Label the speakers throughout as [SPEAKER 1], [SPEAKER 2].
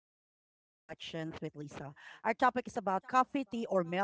[SPEAKER 1] with Lisa. Our topic is about coffee, tea, or milk. Mm.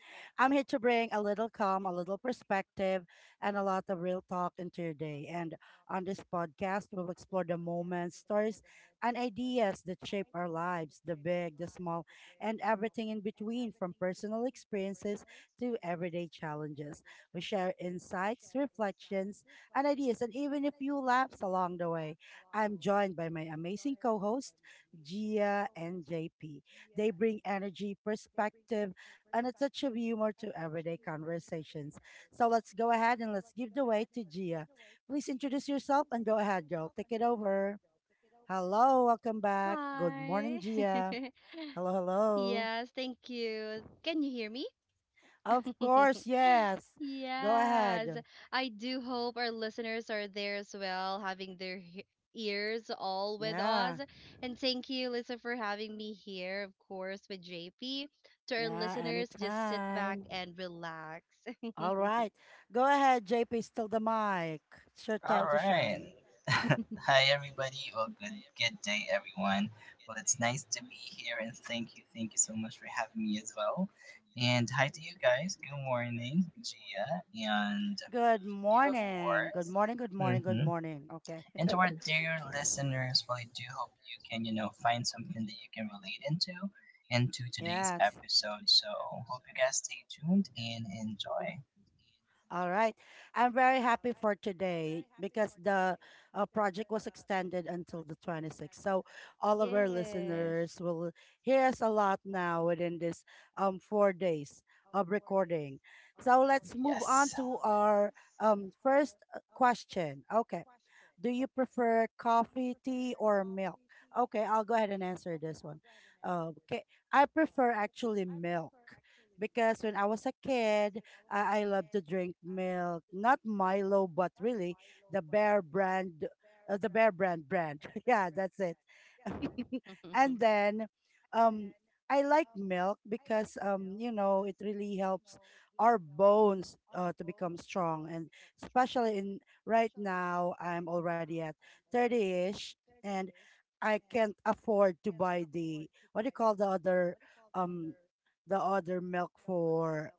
[SPEAKER 1] I'm here to bring a little calm, a little perspective, and a lot of real talk into your day. And on this podcast, we'll explore the moments, stories, and ideas that shape our lives, the big, the small, and everything in between, from personal experiences to everyday challenges. We share insights, reflections, and ideas, and even a few laughs along the way. I'm joined by my amazing co host, Gia and JP. They bring energy, perspective, and a touch of humor to everyday conversations. So let's go ahead and let's give the way to Gia. Please introduce yourself and go ahead, girl. Take it over. Hello, welcome back. Good
[SPEAKER 2] Hi.
[SPEAKER 1] morning, Gia. Hello, hello.
[SPEAKER 2] Yes, thank you. Can you hear me?
[SPEAKER 1] Of course, yes. Go
[SPEAKER 2] Yes,
[SPEAKER 1] ahead.
[SPEAKER 2] I do hope our listeners are there as well, having their ears all with us.
[SPEAKER 1] Yeah,
[SPEAKER 2] And thank you, Lisa, for having me here, of course, with JP. To our
[SPEAKER 1] yeah,
[SPEAKER 2] listeners, just sit back
[SPEAKER 1] anytime.
[SPEAKER 2] and relax. And
[SPEAKER 1] All right. Go ahead, JP, still the mic. It's your time
[SPEAKER 3] All
[SPEAKER 1] to shine.
[SPEAKER 3] right. Hi, everybody, or good day, everyone. Well, it's nice to be here, and thank you so much for having me as well. And hi to you guys. Good morning, Gia, and
[SPEAKER 1] Good
[SPEAKER 3] you, of
[SPEAKER 2] Gia,
[SPEAKER 1] morning. Good
[SPEAKER 3] course.
[SPEAKER 2] Leon.
[SPEAKER 1] morning. Good morning. Good
[SPEAKER 3] Mm-hmm.
[SPEAKER 1] morning. Okay.
[SPEAKER 3] And to our dear listeners, well, I do hope you can, you know, find something that you can relate into today's
[SPEAKER 1] Yes.
[SPEAKER 3] episode. So hope you guys stay tuned and enjoy.
[SPEAKER 1] All right. I'm very happy for today because the project was extended until the 26th. So all of our
[SPEAKER 2] Yes. Yes.
[SPEAKER 1] listeners will hear us a lot now within this 4 days of recording. So let's move on
[SPEAKER 3] Yes.
[SPEAKER 1] to our first question. Okay. Do you prefer coffee, tea, or milk? Okay, I'll go ahead and answer this one. Okay, I prefer actually milk because when I was a kid, I loved to drink milk, not Milo, but really the Bear brand, the Bear brand. Yeah, that's it.
[SPEAKER 2] That's
[SPEAKER 1] And then, um, I like milk because you know it really helps our bones to become strong and especially in right now, I'm already at 30-ish and I can't afford to buy the, what do you call, um the other milk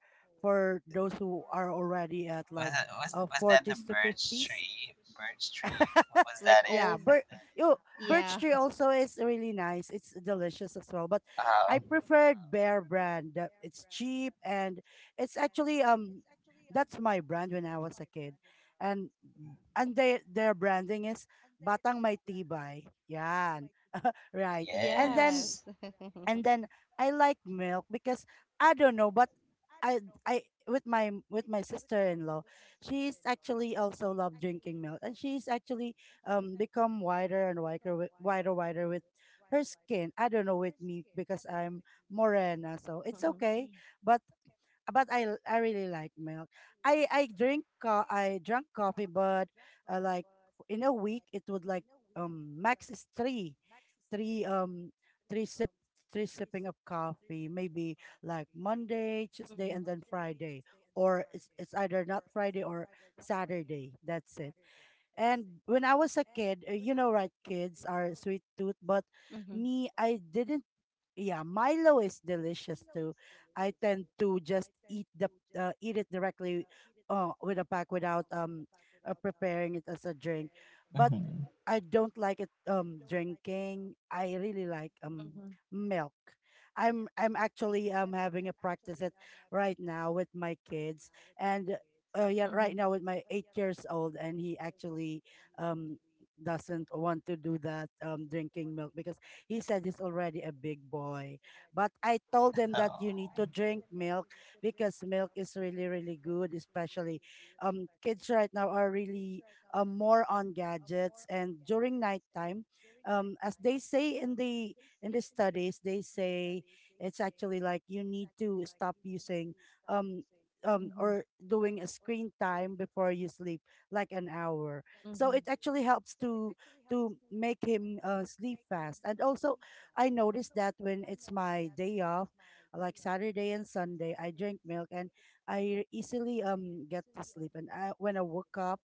[SPEAKER 1] for those who are already at
[SPEAKER 3] was
[SPEAKER 1] like
[SPEAKER 3] that was was that the
[SPEAKER 1] 40s to
[SPEAKER 3] birch
[SPEAKER 1] 50s.
[SPEAKER 3] tree? Birch tree. Was
[SPEAKER 2] like,
[SPEAKER 3] that
[SPEAKER 1] yeah,
[SPEAKER 3] it?
[SPEAKER 1] bir- yo, Birch
[SPEAKER 2] yeah,
[SPEAKER 1] tree
[SPEAKER 2] for
[SPEAKER 1] also is really nice. It's delicious as well. But I
[SPEAKER 3] Oh
[SPEAKER 1] preferred Bear brand. It's cheap and it's actually that's my brand when I was a kid. And and they their branding is Batang May Tibay. Yan. Right. And then
[SPEAKER 3] yes.
[SPEAKER 1] and then I like milk because I don't know, but I I with my sister-in-law, she's actually also love drinking milk, and she's actually become whiter and whiter with her skin. I don't know with me because I'm morena, so it's okay. But I really like milk. I drank coffee, but like in a week it would like max is three um three sip three sipping of coffee, maybe like Monday, Tuesday, and then Friday, or it's either not Friday or Saturday, that's it. And when I was a kid, you know, right, kids are sweet tooth, but
[SPEAKER 2] mhm,
[SPEAKER 1] me, I didn't. Yeah, Milo is delicious too. I tend to just eat it directly with a pack without preparing it as a drink. But
[SPEAKER 3] hmm
[SPEAKER 1] I don't like it drinking. I really like
[SPEAKER 2] mhm,
[SPEAKER 1] milk. I'm actually having a practice it right now with my kids and
[SPEAKER 2] yeah,
[SPEAKER 1] yeah,
[SPEAKER 2] mhm,
[SPEAKER 1] right now with my 8 years old and he actually um doesn't want to do that drinking milk because he said he's already a big boy. But I told him that you need to
[SPEAKER 3] Oh
[SPEAKER 1] drink milk because milk is really, really good, especially kids right now are really more on gadgets, and during nighttime, as they say in the studies, they say it's actually like you need to stop using um
[SPEAKER 2] mhm,
[SPEAKER 1] or doing a screen time before you sleep, like an hour,
[SPEAKER 2] yeah,
[SPEAKER 1] so it actually helps to make him sleep fast. And also, I noticed that when it's my day off, like Saturday and Sunday, I drink milk and I easily get to sleep. And I, when I woke up,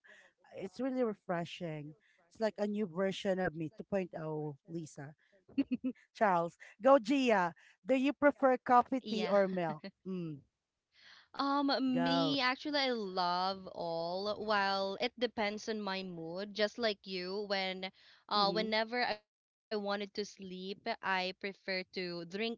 [SPEAKER 1] it's really refreshing. It's like a new version of me 2.0, Lisa. Charles, go Gia. Do you prefer coffee,
[SPEAKER 2] you.
[SPEAKER 1] tea,
[SPEAKER 2] Yeah.
[SPEAKER 1] or milk? Mm,
[SPEAKER 2] Um,
[SPEAKER 1] go.
[SPEAKER 2] Me, actually, I love all. While it depends on my mood, just like you,
[SPEAKER 1] Mm-hmm.
[SPEAKER 2] whenever I wanted to sleep, I prefer to drink milk.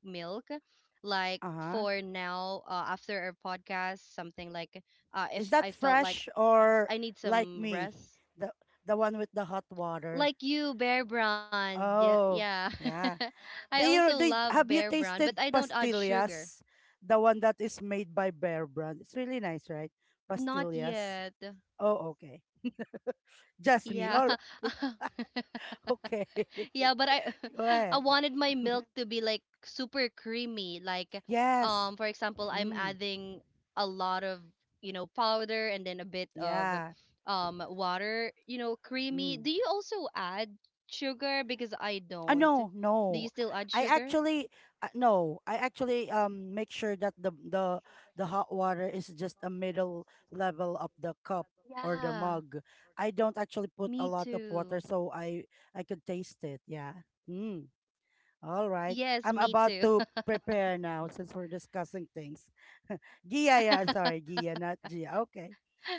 [SPEAKER 2] Like
[SPEAKER 1] Uh
[SPEAKER 2] for
[SPEAKER 1] huh.
[SPEAKER 2] now, after our podcast, something like, if
[SPEAKER 1] Is
[SPEAKER 2] I
[SPEAKER 1] that
[SPEAKER 2] felt like
[SPEAKER 1] fresh,
[SPEAKER 2] I
[SPEAKER 1] or
[SPEAKER 2] need
[SPEAKER 1] like
[SPEAKER 2] some
[SPEAKER 1] me,
[SPEAKER 2] rest.
[SPEAKER 1] the one with the hot water?
[SPEAKER 2] Like you, Bear Brand. Yeah,
[SPEAKER 1] Oh,
[SPEAKER 2] yeah.
[SPEAKER 1] yeah.
[SPEAKER 2] I also love Bear
[SPEAKER 1] Have you
[SPEAKER 2] Brand, but I
[SPEAKER 1] tasted
[SPEAKER 2] don't add sugar.
[SPEAKER 1] pastillas? The one that is made by Bear Brand. It's really nice, right?
[SPEAKER 2] Not
[SPEAKER 1] Pastillas.
[SPEAKER 2] yet.
[SPEAKER 1] Oh, okay. Just me.
[SPEAKER 2] Yeah.
[SPEAKER 1] All right. Okay.
[SPEAKER 2] Yeah, but I
[SPEAKER 1] Go
[SPEAKER 2] I
[SPEAKER 1] ahead.
[SPEAKER 2] wanted my milk to be like super creamy. Like
[SPEAKER 1] Yes.
[SPEAKER 2] for example, I'm
[SPEAKER 1] Mm.
[SPEAKER 2] adding a lot of powder and then a bit of
[SPEAKER 1] Yeah.
[SPEAKER 2] water, creamy.
[SPEAKER 1] Mm.
[SPEAKER 2] Do you also add sugar, because I don't.
[SPEAKER 1] No,
[SPEAKER 2] Do you
[SPEAKER 1] no.
[SPEAKER 2] still add
[SPEAKER 1] I
[SPEAKER 2] sugar?
[SPEAKER 1] actually, no. I actually make sure that the hot water is just a middle level of the cup or the
[SPEAKER 2] Yeah,
[SPEAKER 1] mug. I don't actually put a
[SPEAKER 2] me
[SPEAKER 1] lot of water
[SPEAKER 2] too.
[SPEAKER 1] so I could taste it. Yeah. Mm. All right.
[SPEAKER 2] Yes,
[SPEAKER 1] I'm
[SPEAKER 2] me
[SPEAKER 1] about
[SPEAKER 2] too.
[SPEAKER 1] to prepare now since we're discussing things. Gia, yeah, sorry, Gia, not Gia. Okay.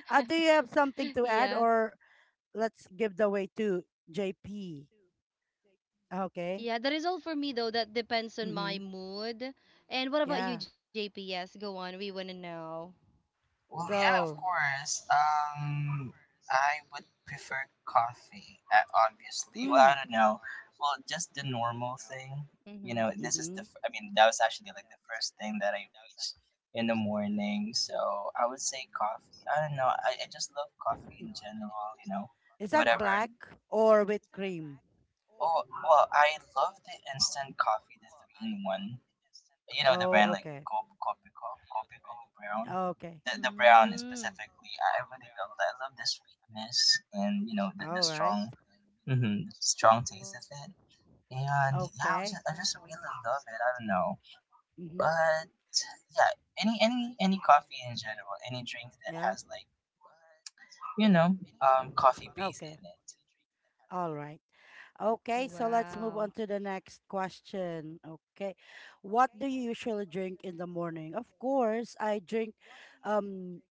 [SPEAKER 1] Do you have something to add,
[SPEAKER 2] Yeah.
[SPEAKER 1] or let's give the way to JP? Okay.
[SPEAKER 2] Yeah, that is all for me though. That depends on
[SPEAKER 1] Mm-hmm.
[SPEAKER 2] my mood. And what about
[SPEAKER 1] Yeah.
[SPEAKER 2] you, JP? Yes, go on. We want to know.
[SPEAKER 3] well, yeah, of
[SPEAKER 1] Go.
[SPEAKER 3] course. I would prefer coffee, obviously. Well, I
[SPEAKER 1] Mm.
[SPEAKER 3] don't know. Well, just the normal thing.
[SPEAKER 2] Mm-hmm.
[SPEAKER 3] You know, this is
[SPEAKER 1] Mm-hmm.
[SPEAKER 3] the. F- I mean, that was actually like the first thing that I reached in the morning. So I would say coffee. I don't know. I just love coffee in general. You know,
[SPEAKER 1] Is that
[SPEAKER 3] whatever.
[SPEAKER 1] black or with cream?
[SPEAKER 3] Oh, well, I love the instant coffee, the three in one. You know, the brand
[SPEAKER 1] Oh,
[SPEAKER 3] like
[SPEAKER 1] okay.
[SPEAKER 3] Copico, Copico Brown.
[SPEAKER 1] Okay.
[SPEAKER 3] The brown
[SPEAKER 2] Mm.
[SPEAKER 3] specifically, I really love that. I love the sweetness and, you know, the
[SPEAKER 1] All right.
[SPEAKER 3] strong, strong taste of
[SPEAKER 2] Wow.
[SPEAKER 3] it. And yeah, I
[SPEAKER 1] Okay.
[SPEAKER 3] just, I just really love it. I don't know.
[SPEAKER 1] Mm-hmm.
[SPEAKER 3] But yeah, any coffee in general, any drink that
[SPEAKER 1] Yeah.
[SPEAKER 3] has like, you know, coffee base
[SPEAKER 1] Okay.
[SPEAKER 3] in it.
[SPEAKER 1] All right.
[SPEAKER 2] Wow.
[SPEAKER 1] Okay, so let's move on to the next question. Okay. What do you usually drink in the morning? Of course, I drink um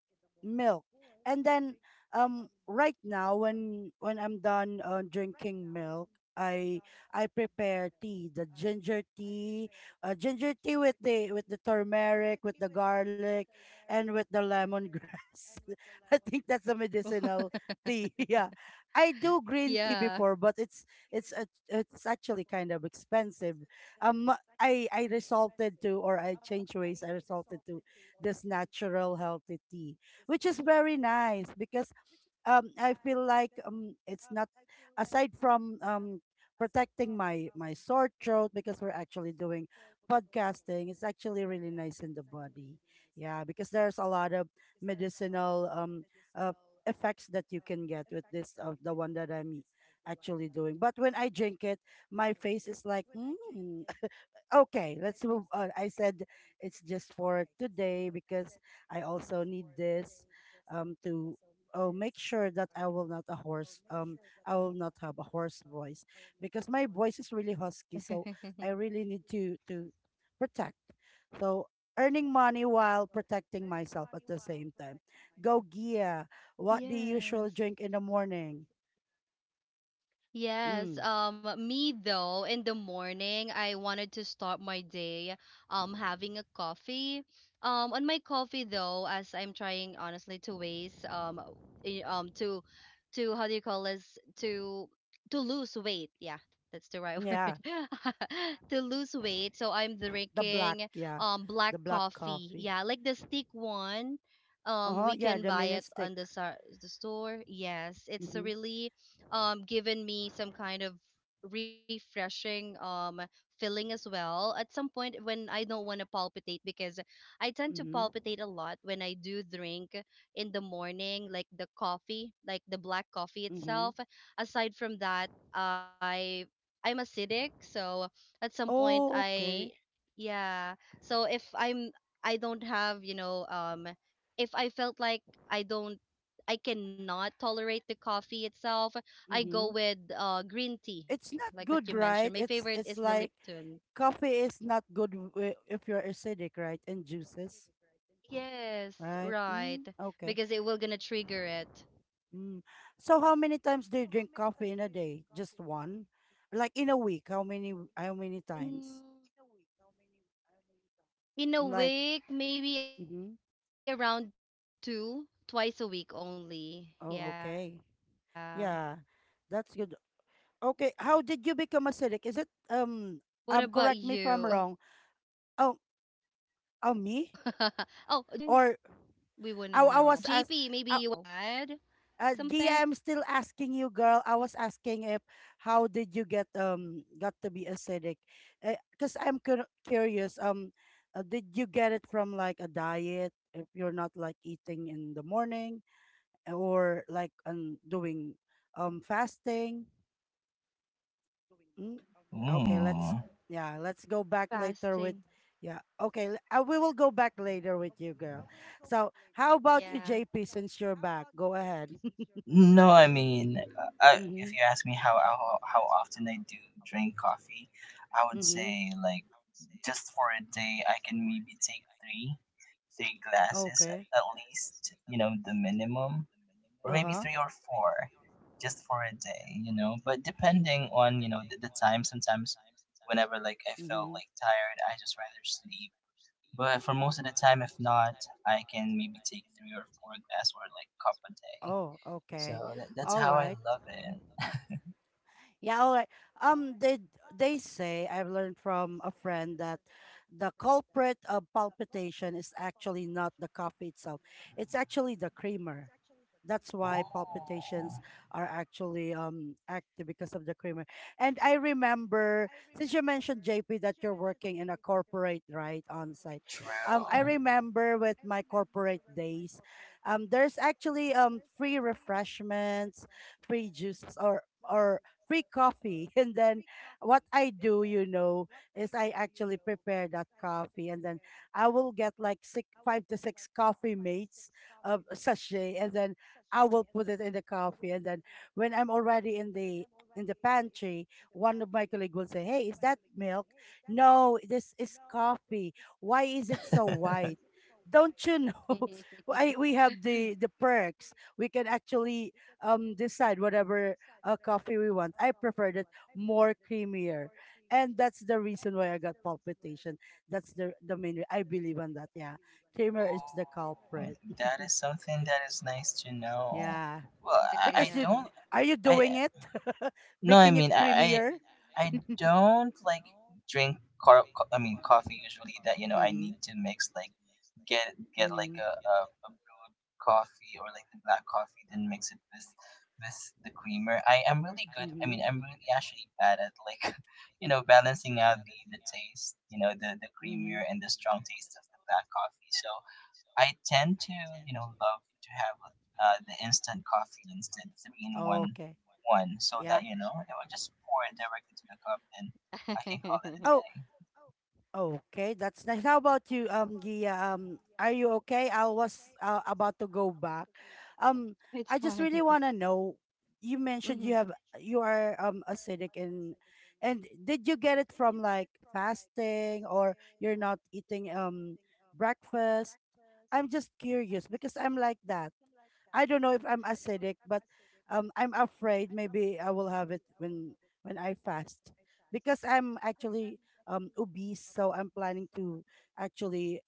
[SPEAKER 1] milk. And then right now, when I'm done drinking milk, I I prepare tea, the ginger tea with the turmeric, with the garlic, and with the lemongrass. I think that's a medicinal tea. Yeah. I do green tea
[SPEAKER 2] Yeah.
[SPEAKER 1] before, but it's actually kind of expensive. Um, I resulted to, or I changed ways. I resulted to this natural healthy tea, which is very nice because I feel like it's not, aside from protecting my sore throat, because we're actually doing podcasting, it's actually really nice in the body. Yeah, because there's a lot of medicinal uh, effects that you can get with this, of the one that I'm actually doing. But when I drink it, my face is like mm. Okay, let's move on. I said it's just for today because I also need this to, oh, make sure that I will not have a hoarse voice because my voice is really husky, so I really need to protect. So, earning money while protecting myself at the same time. Go Gia, what do you
[SPEAKER 2] Yes.
[SPEAKER 1] usually drink in the morning?
[SPEAKER 2] Yes,
[SPEAKER 1] Mm,
[SPEAKER 2] me though, in the morning, I wanted to start my day having a coffee. On my coffee though, as I'm trying honestly to waste i- um to to how do you call this, to lose weight. Yeah, that's the right word.
[SPEAKER 1] yeah,
[SPEAKER 2] To lose weight, so I'm
[SPEAKER 1] the black,
[SPEAKER 2] drinking
[SPEAKER 1] yeah,
[SPEAKER 2] black
[SPEAKER 1] the black
[SPEAKER 2] coffee.
[SPEAKER 1] coffee.
[SPEAKER 2] Yeah, like the stick one.
[SPEAKER 1] Uh-huh,
[SPEAKER 2] We
[SPEAKER 1] yeah,
[SPEAKER 2] can
[SPEAKER 1] the
[SPEAKER 2] buy
[SPEAKER 1] mini
[SPEAKER 2] it
[SPEAKER 1] stick.
[SPEAKER 2] on the store. Yes, it's a
[SPEAKER 1] Mm-hmm.
[SPEAKER 2] really given me some kind of refreshing feeling as well at some point, when I don't want to palpitate, because I tend to
[SPEAKER 1] Mm-hmm.
[SPEAKER 2] palpitate a lot when I do drink in the morning, like the coffee, like the black coffee
[SPEAKER 1] Mm-hmm.
[SPEAKER 2] itself. Aside from that, I'm acidic, so at some point,
[SPEAKER 1] Oh,
[SPEAKER 2] I,
[SPEAKER 1] okay.
[SPEAKER 2] yeah, so if I'm, I don't have, if I felt like, I don't, I cannot tolerate the coffee itself, I go
[SPEAKER 1] Mm-hmm.
[SPEAKER 2] with green tea, like
[SPEAKER 1] It's
[SPEAKER 2] what you
[SPEAKER 1] not
[SPEAKER 2] mentioned.
[SPEAKER 1] good,
[SPEAKER 2] My
[SPEAKER 1] right?
[SPEAKER 2] favorite is
[SPEAKER 1] It's
[SPEAKER 2] the
[SPEAKER 1] it's like
[SPEAKER 2] Lipton.
[SPEAKER 1] coffee is not good if you're acidic, right? And juices,
[SPEAKER 2] Yes,
[SPEAKER 1] right?
[SPEAKER 2] right.
[SPEAKER 1] Mm, okay.
[SPEAKER 2] Because it will gonna trigger it.
[SPEAKER 1] Mm. So how many times do you drink coffee in a day? Just one? Like in a week, how many how
[SPEAKER 2] Mm,
[SPEAKER 1] many times?
[SPEAKER 2] in a week, maybe
[SPEAKER 1] Like,
[SPEAKER 2] around two, twice a
[SPEAKER 1] mm-hmm,
[SPEAKER 2] week only. Yeah.
[SPEAKER 1] oh, okay.
[SPEAKER 2] What about
[SPEAKER 1] Yeah.
[SPEAKER 2] you?
[SPEAKER 1] That's good.
[SPEAKER 2] Oh,
[SPEAKER 1] Okay,
[SPEAKER 2] JP,
[SPEAKER 1] how
[SPEAKER 2] maybe
[SPEAKER 1] did
[SPEAKER 2] you
[SPEAKER 1] you become
[SPEAKER 2] wanna
[SPEAKER 1] acidic? Is it
[SPEAKER 2] add
[SPEAKER 1] correct
[SPEAKER 2] something?
[SPEAKER 1] me if I'm wrong.
[SPEAKER 2] We wanna
[SPEAKER 1] Oh,
[SPEAKER 2] know.
[SPEAKER 1] oh me? Or I, I was ask, uh, Gia, I'm still asking you, girl. I was asking if how did you get got to be acidic? Because I'm curious. Did you get it from like a diet? If you're not like eating in the morning, or like doing fasting. Mm? Okay, let's
[SPEAKER 3] Ooh.
[SPEAKER 1] yeah,
[SPEAKER 2] Fasting.
[SPEAKER 1] let's go back later with, yeah. Okay, we will go back later with you, girl. So how
[SPEAKER 2] Yeah.
[SPEAKER 1] about you, JP? Since you're back, go ahead.
[SPEAKER 3] No, I mean, I, if
[SPEAKER 1] Mhm.
[SPEAKER 3] you ask me how, how often I do drink coffee, I would
[SPEAKER 1] Mhm.
[SPEAKER 3] say like just for a day I can maybe take three glasses
[SPEAKER 1] Okay.
[SPEAKER 3] at least, you know, the minimum, or maybe
[SPEAKER 1] Uh-huh.
[SPEAKER 3] three or four, just for a day, you know. But depending on you know the time, sometimes whenever like I felt
[SPEAKER 1] Mhm.
[SPEAKER 3] like tired, I just rather sleep. But for most of the time, if not, I can maybe take three or four glass or like cup a day.
[SPEAKER 1] Oh,
[SPEAKER 3] So
[SPEAKER 1] okay.
[SPEAKER 3] that's
[SPEAKER 1] All
[SPEAKER 3] how I
[SPEAKER 1] right.
[SPEAKER 3] love it.
[SPEAKER 1] Yeah, all right. Um they they say, I've learned from a friend, that the culprit of palpitation is actually not the coffee itself. It's actually the creamer. That's why palpitations
[SPEAKER 3] Ooh,
[SPEAKER 1] are actually active because of the creamer. And I remember, since you mentioned JP that you're working in a corporate, right, on site. I
[SPEAKER 3] true.
[SPEAKER 1] remember with my corporate days, there's actually free refreshments, free juices, or or free coffee. And then what I do, you know, is I actually prepare that coffee, and then I will get like six, five to six coffee mates of sachet, and then I will put it in the coffee, and then when I'm already in the pantry, one of my colleagues will say, "Hey, is that milk?" No, this is coffee. Why is it so white? Don't you know? I, we have the perks. We can actually decide whatever coffee we want. I preferred it more creamier, and that's the reason why I got palpitation. That's the I believe on that. Yeah, creamer is the culprit.
[SPEAKER 3] Ooh, that is something that is nice to know.
[SPEAKER 1] Yeah.
[SPEAKER 3] Well,
[SPEAKER 1] Because
[SPEAKER 3] I
[SPEAKER 1] you
[SPEAKER 2] Yeah,
[SPEAKER 3] don't.
[SPEAKER 1] are you
[SPEAKER 3] I
[SPEAKER 1] doing it,
[SPEAKER 3] No, I
[SPEAKER 1] making it
[SPEAKER 3] mean I
[SPEAKER 1] creamier?
[SPEAKER 3] I don't like drink car, co- I mean coffee usually that you know I need
[SPEAKER 1] Mm-hmm.
[SPEAKER 3] to mix like get like
[SPEAKER 1] Mm-hmm.
[SPEAKER 3] a brewed coffee or like the black coffee then mix it with the creamer. I am really good. I mean
[SPEAKER 1] Mm-hmm.
[SPEAKER 3] I'm really actually bad at like you know balancing out the taste, you know the
[SPEAKER 1] Mm-hmm.
[SPEAKER 3] creamier and the strong taste of the black coffee. So I tend to, you know, love to have the instant coffee instead three in
[SPEAKER 1] Oh,
[SPEAKER 3] one
[SPEAKER 1] okay.
[SPEAKER 3] one, so
[SPEAKER 1] Yeah.
[SPEAKER 3] that you know it will just pour it directly to the cup, then I can
[SPEAKER 1] Oh. Okay. That's nice. How about you, Gia? Are you okay? I was about to go back. Um, I
[SPEAKER 2] it's
[SPEAKER 1] just
[SPEAKER 2] fine.
[SPEAKER 1] really wanna know. You mentioned you
[SPEAKER 2] Hmm.
[SPEAKER 1] have you are acidic and did you get it from like fasting or you're not eating breakfast? I'm just curious because I'm like that. I don't know if I'm acidic, but I'm afraid maybe I will have it when I fast because I'm actually obese, so I'm planning to actually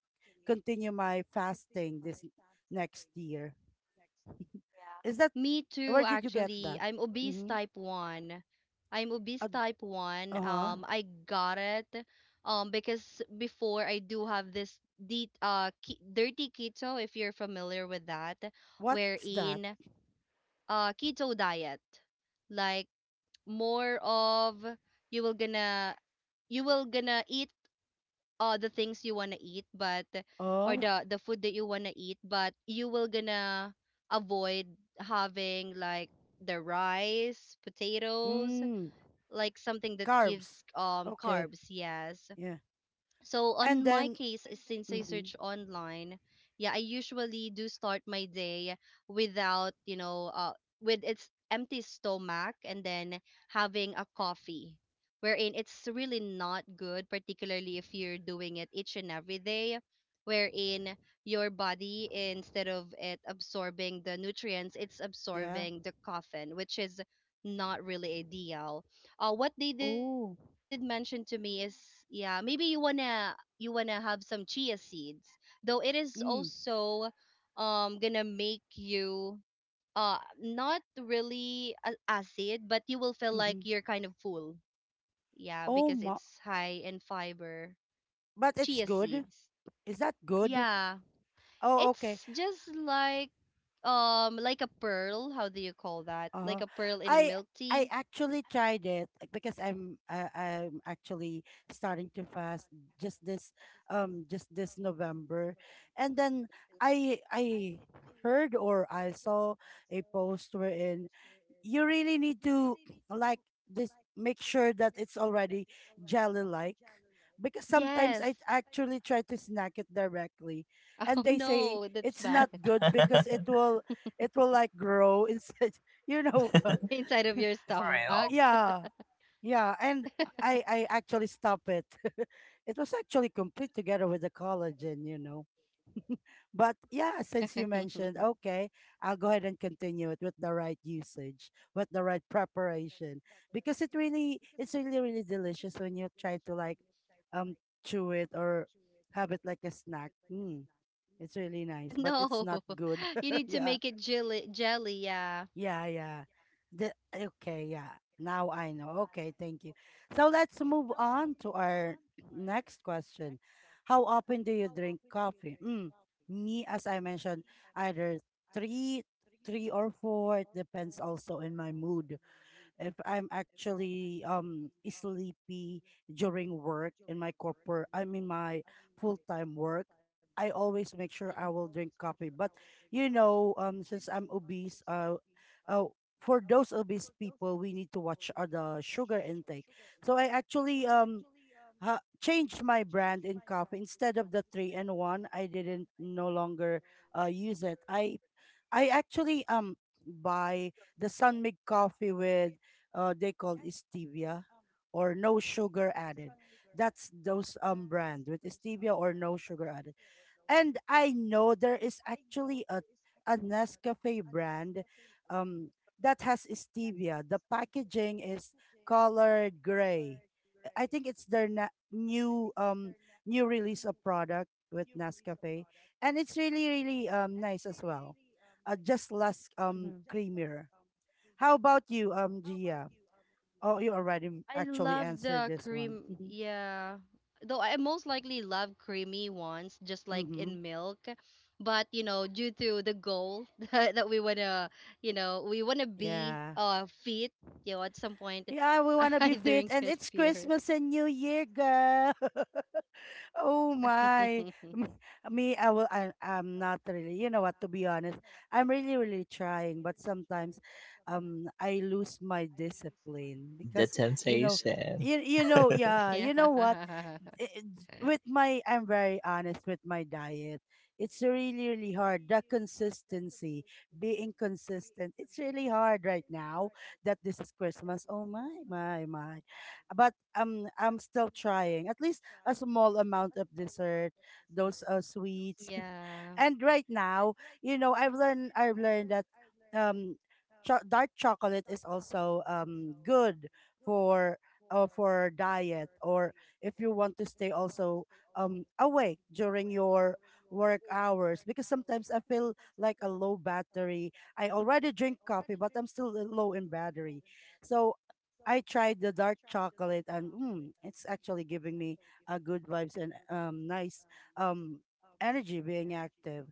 [SPEAKER 1] continue my fasting this next year.
[SPEAKER 2] Yeah.
[SPEAKER 1] Is that
[SPEAKER 2] Me too,
[SPEAKER 1] where did you get
[SPEAKER 2] actually.
[SPEAKER 1] that?
[SPEAKER 2] I'm obese
[SPEAKER 1] Mm-hmm.
[SPEAKER 2] type 1. I'm obese type 1.
[SPEAKER 1] Uh huh.
[SPEAKER 2] I got it because before I do have this de ke dirty keto, if you're familiar with that,
[SPEAKER 1] What's that?
[SPEAKER 2] wherein keto diet. Like, more of, you will gonna you will gonna eat all the things you want to eat, but or
[SPEAKER 1] Oh,
[SPEAKER 2] the food that you want to eat, but you will gonna avoid having like the rice, potatoes,
[SPEAKER 1] mm,
[SPEAKER 2] like something that
[SPEAKER 1] carbs.
[SPEAKER 2] gives
[SPEAKER 1] Okay,
[SPEAKER 2] carbs. Yes,
[SPEAKER 1] yeah.
[SPEAKER 2] so
[SPEAKER 1] And
[SPEAKER 2] on my
[SPEAKER 1] then,
[SPEAKER 2] case, since I
[SPEAKER 1] mm-hmm,
[SPEAKER 2] search online, yeah, I usually do start my day without, with its empty stomach, and then having a coffee, wherein it's really not good, particularly if you're doing it each and every day, wherein your body, instead of it absorbing the nutrients, it's
[SPEAKER 1] yeah.
[SPEAKER 2] absorbing the caffeine, which is not really ideal. What they did mention
[SPEAKER 1] Oh,
[SPEAKER 2] to me is, yeah, maybe you want to have some chia seeds, though it is also
[SPEAKER 1] mm,
[SPEAKER 2] gonna make you, not really acid, but you will feel like
[SPEAKER 1] mm-hmm.
[SPEAKER 2] you're kind of full, yeah,
[SPEAKER 1] Oh,
[SPEAKER 2] because
[SPEAKER 1] mo-
[SPEAKER 2] it's high in fiber.
[SPEAKER 1] but it's
[SPEAKER 2] Chia
[SPEAKER 1] good.
[SPEAKER 2] seeds,
[SPEAKER 1] Is that good?
[SPEAKER 2] yeah,
[SPEAKER 1] Oh, okay.
[SPEAKER 2] it's just like, like a pearl. How do you call that, like
[SPEAKER 1] Uh,
[SPEAKER 2] a pearl in a
[SPEAKER 1] I
[SPEAKER 2] milk
[SPEAKER 1] I
[SPEAKER 2] tea?
[SPEAKER 1] actually tried it like, because I'm actually starting to fast just this just this November, and then I heard or I saw a post wherein you really need to like this make sure that it's already jelly like because sometimes
[SPEAKER 2] Yes.
[SPEAKER 1] I actually try to snack it directly and
[SPEAKER 2] Oh
[SPEAKER 1] they say
[SPEAKER 2] no, that's
[SPEAKER 1] it's
[SPEAKER 2] bad.
[SPEAKER 1] not
[SPEAKER 3] call
[SPEAKER 1] good
[SPEAKER 3] it a
[SPEAKER 1] because
[SPEAKER 3] day.
[SPEAKER 1] it will like grow inside you know what?
[SPEAKER 2] Inside of your
[SPEAKER 3] For
[SPEAKER 2] stomach.
[SPEAKER 3] real,
[SPEAKER 1] Yeah, yeah, and I actually stopped it. It was actually complete together with the collagen, you know. But yeah, since you mentioned, okay, I'll go ahead and continue it with the right usage, with the right preparation, because it's really, really delicious when you try to like, um, chew it or have it like a snack. Mm, it's really nice, but it's
[SPEAKER 2] No,
[SPEAKER 1] not good.
[SPEAKER 2] you need to
[SPEAKER 1] Yeah,
[SPEAKER 2] make it jelly. Jelly, yeah.
[SPEAKER 1] yeah, yeah. Okay, yeah. Now I know. Okay, thank you. So let's move on to our next question. How often do you drink coffee? Mm, me, as I mentioned, either three, three or four. It depends also in my mood if I'm actually sleepy during work in my corporate, I mean my full-time work, I always make sure I will drink coffee. But you know, since I'm obese, uh, for those obese people, we need to watch the sugar intake. So I actually changed my brand in coffee instead of the three and one. I didn't no longer use it. I actually buy the sun made coffee with they call it stevia or no sugar added. That's those brand with stevia or no sugar added. And I know there is actually a Nescafe brand um that has stevia. The packaging is colored gray. I think it's their new release of product with Nescafe, and it's really really nice as well. Just less
[SPEAKER 2] Mm-hmm.
[SPEAKER 1] creamier. How about you, Gia? Oh, you already
[SPEAKER 2] I
[SPEAKER 1] actually
[SPEAKER 2] love
[SPEAKER 1] answered
[SPEAKER 2] the
[SPEAKER 1] this one.
[SPEAKER 2] cream.
[SPEAKER 1] Mm-hmm.
[SPEAKER 2] Yeah. Though I most likely love creamy ones, just like
[SPEAKER 1] Mm-hmm.
[SPEAKER 2] in milk. But, due to the goal that we want to be
[SPEAKER 1] Yeah.
[SPEAKER 2] fit, at some point,
[SPEAKER 1] Yeah, we want to be
[SPEAKER 2] I
[SPEAKER 1] fit,
[SPEAKER 2] drink
[SPEAKER 1] and
[SPEAKER 2] it
[SPEAKER 1] it's
[SPEAKER 2] pure.
[SPEAKER 1] Christmas and New Year, girl. Oh my. M- Me, I'm not really, you know what, to be honest, I'm really, really trying, but sometimes I lose my discipline
[SPEAKER 3] the
[SPEAKER 1] because you know
[SPEAKER 3] temptation.
[SPEAKER 1] you know, yeah,
[SPEAKER 2] Yeah.
[SPEAKER 1] you know what? i- with my I'm very honest with my diet. It's really really hard. The consistency, being consistent, it's really hard right now that this is Christmas. Oh my my my, but I'm still trying. At least a small amount of dessert, those sweets,
[SPEAKER 2] Yeah.
[SPEAKER 1] and right now you know I've learned that um dark chocolate is also good for for diet or if you want to stay also awake during your work hours because sometimes I feel like a low battery. I already drink coffee, but I'm still low in battery. So I tried the dark chocolate and mm, it's actually giving me a good vibes and nice um energy being active.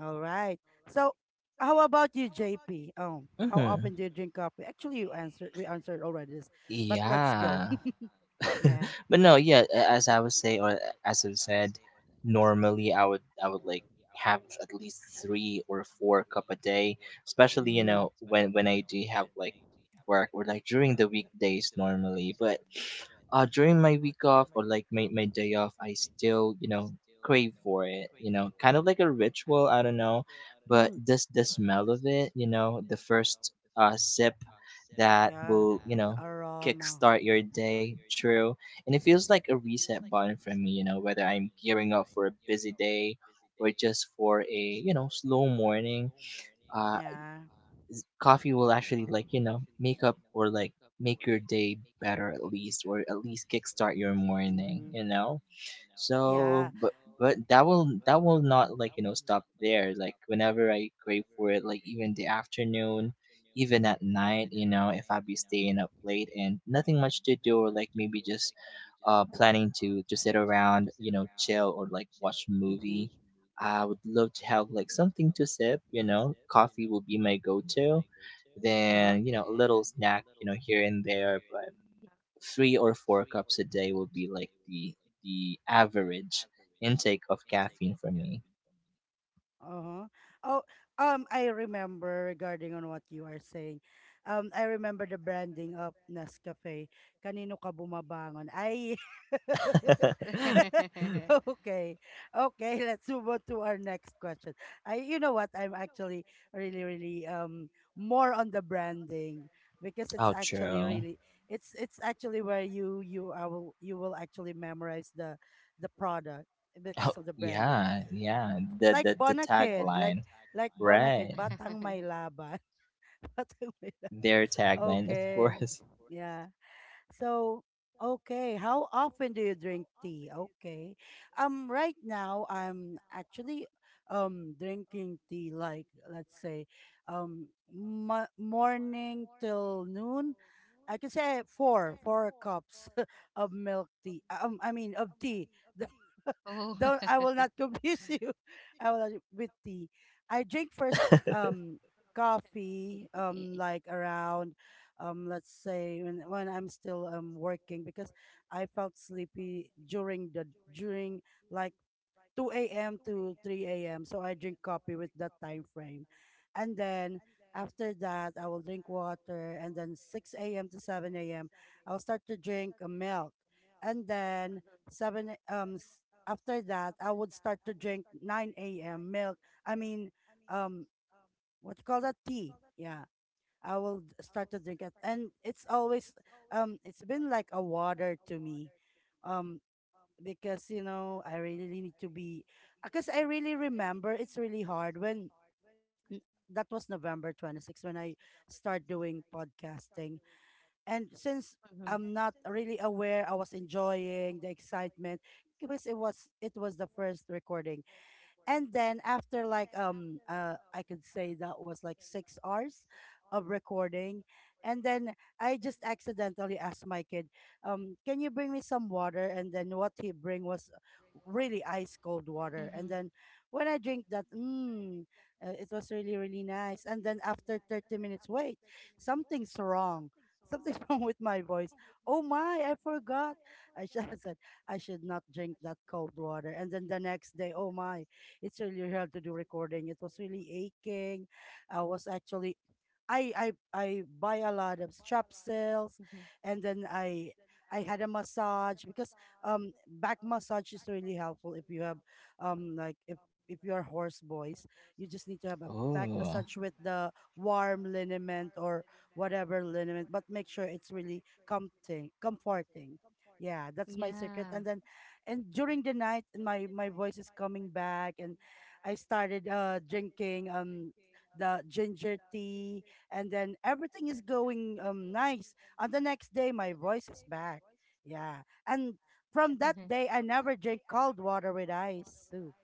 [SPEAKER 1] All right. So how about you, JP? Oh, how
[SPEAKER 3] Mhm.
[SPEAKER 1] often do you drink coffee? Actually, you answered. We answered already this, but let's go.
[SPEAKER 3] Yeah.
[SPEAKER 1] Yeah.
[SPEAKER 3] but no, yeah,
[SPEAKER 2] Mhm.
[SPEAKER 3] as I was saying or as I've said, normally I would like have at least three or four cup a day, especially you
[SPEAKER 1] Mm,
[SPEAKER 3] know when I do have like work or like during the weekdays normally. But during my week off or like my day off, I still you know crave for it. You know, kind of like a ritual. I don't know, but
[SPEAKER 1] mm.
[SPEAKER 3] this the smell of it. You know, the first sip that
[SPEAKER 1] Yeah,
[SPEAKER 3] will you
[SPEAKER 1] the
[SPEAKER 3] know
[SPEAKER 1] aroma.
[SPEAKER 3] kickstart your day. True. And it feels like a reset button for me, you know, whether I'm gearing up for a busy day or just for a, you know, slow morning. Uh,
[SPEAKER 1] Yeah.
[SPEAKER 3] coffee will actually, like, you know, make up or like make your day better at least, or at least kickstart your morning,
[SPEAKER 1] Mm-hmm.
[SPEAKER 3] you know?
[SPEAKER 1] Yeah.
[SPEAKER 3] So, but that will not like you know stop there. Like whenever I crave for it, like even the afternoon, even at night, you know, if I be staying up late and nothing much to do, or like maybe just planning to sit around, you know, chill or like watch a
[SPEAKER 1] Mm-hmm.
[SPEAKER 3] movie. I would love to have like something to sip, you know. Coffee will be my go-to.
[SPEAKER 1] Uh-huh.
[SPEAKER 3] Then, you know, a little snack, you know, here and there three or four cups a day will be like the average intake of caffeine for me.
[SPEAKER 1] Uh-huh. Oh, I remember regarding on what you are saying. I remember the branding of Nescafe. Kanino ka bumabangon? Ay.
[SPEAKER 2] Yes.
[SPEAKER 1] Okay. Okay, let's move on to our next question. I you know what? I'm actually really really more on the branding because it's actually
[SPEAKER 3] Outro.
[SPEAKER 1] really it's actually where you will actually memorize the product because
[SPEAKER 3] Oh,
[SPEAKER 1] of the branding.
[SPEAKER 3] yeah, yeah. The
[SPEAKER 1] Like
[SPEAKER 3] the the
[SPEAKER 1] Bonakid, like
[SPEAKER 3] tagline,
[SPEAKER 1] like Bonakid,
[SPEAKER 3] right?
[SPEAKER 1] Batang May Laban. Batang May Laban.
[SPEAKER 3] Their tagline, of
[SPEAKER 1] Okay.
[SPEAKER 3] course.
[SPEAKER 1] Yeah. So, okay, how often do you drink tea? Okay. Right now I'm actually drinking tea like let's say um morning till noon I can say four cups of milk tea. I mean of tea.
[SPEAKER 2] Oh.
[SPEAKER 1] Don't I will not confuse you. I will not, with tea. I drink first um coffee like around let's say when I'm still working because I felt sleepy during the during like 2 a.m. to 3 a.m. So I drink coffee with that time frame. And then after that, I will drink water. And then 6 a.m. to 7 a.m., I'll start to drink a milk. And then 7 a- um s- after that, I would start to drink 9 a.m. milk. I mean, um, what you call that tea? Yeah, start to drink it, and it's always it's been like a water to me. Um, because you know I really really need to be because I really remember it's really hard when n- that was November 26th when I start doing podcasting and since
[SPEAKER 2] Mhm.
[SPEAKER 1] I'm not really aware I was enjoying the excitement because it was the first recording and then after like I could say that was like 6 hours of recording. And then I just accidentally asked my kid, can you bring me some water? And then what he bring was really ice cold water.
[SPEAKER 2] Mhm.
[SPEAKER 1] And then when I drink that, mm, it was really, really nice. And then after 30 minutes, wait, something's wrong. Something's wrong with my voice. Oh my, I forgot. I should I said I should not drink that cold water. And then the next day, oh my, it's really hard to do recording. It was really aching. I was actually I buy a lot of strap sales
[SPEAKER 2] Mhm.
[SPEAKER 1] and then I had a massage because back massage is really helpful if you have um like if if you are horse boys, you just need to have a back
[SPEAKER 3] Oh,
[SPEAKER 1] massage with the warm liniment or whatever liniment, but make sure it's really comforting. Yeah, that's my secret.
[SPEAKER 2] Yeah.
[SPEAKER 1] And then and during the night my my voice is coming back and I started drinking the ginger tea and then everything is going nice on the next day my voice is back yeah and from that day I never drink cold water with ice soup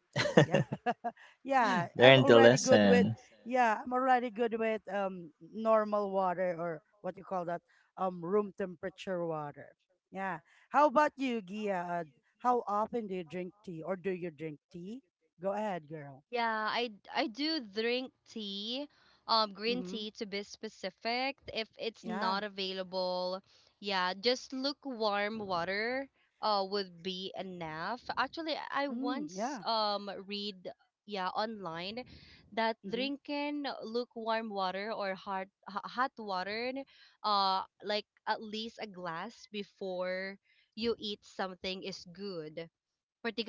[SPEAKER 1] yeah. Yeah, I'm
[SPEAKER 3] learn the
[SPEAKER 1] already good with
[SPEAKER 3] lesson.
[SPEAKER 1] yeah, I'm already good with normal water or what you call that room temperature water. Yeah. How about you, Gia? How often do you drink tea or do you drink tea? Go ahead, girl.
[SPEAKER 2] Yeah, I do drink tea, green
[SPEAKER 1] Mhm.
[SPEAKER 2] tea to be specific. If it's
[SPEAKER 1] Yeah.
[SPEAKER 2] not available, yeah, just lukewarm water, would be enough. Actually, I
[SPEAKER 1] Mm,
[SPEAKER 2] once
[SPEAKER 1] yeah.
[SPEAKER 2] read, yeah, online, that
[SPEAKER 1] Mhm.
[SPEAKER 2] drinking lukewarm water or hot hot water, like at least a glass before you eat something, is good,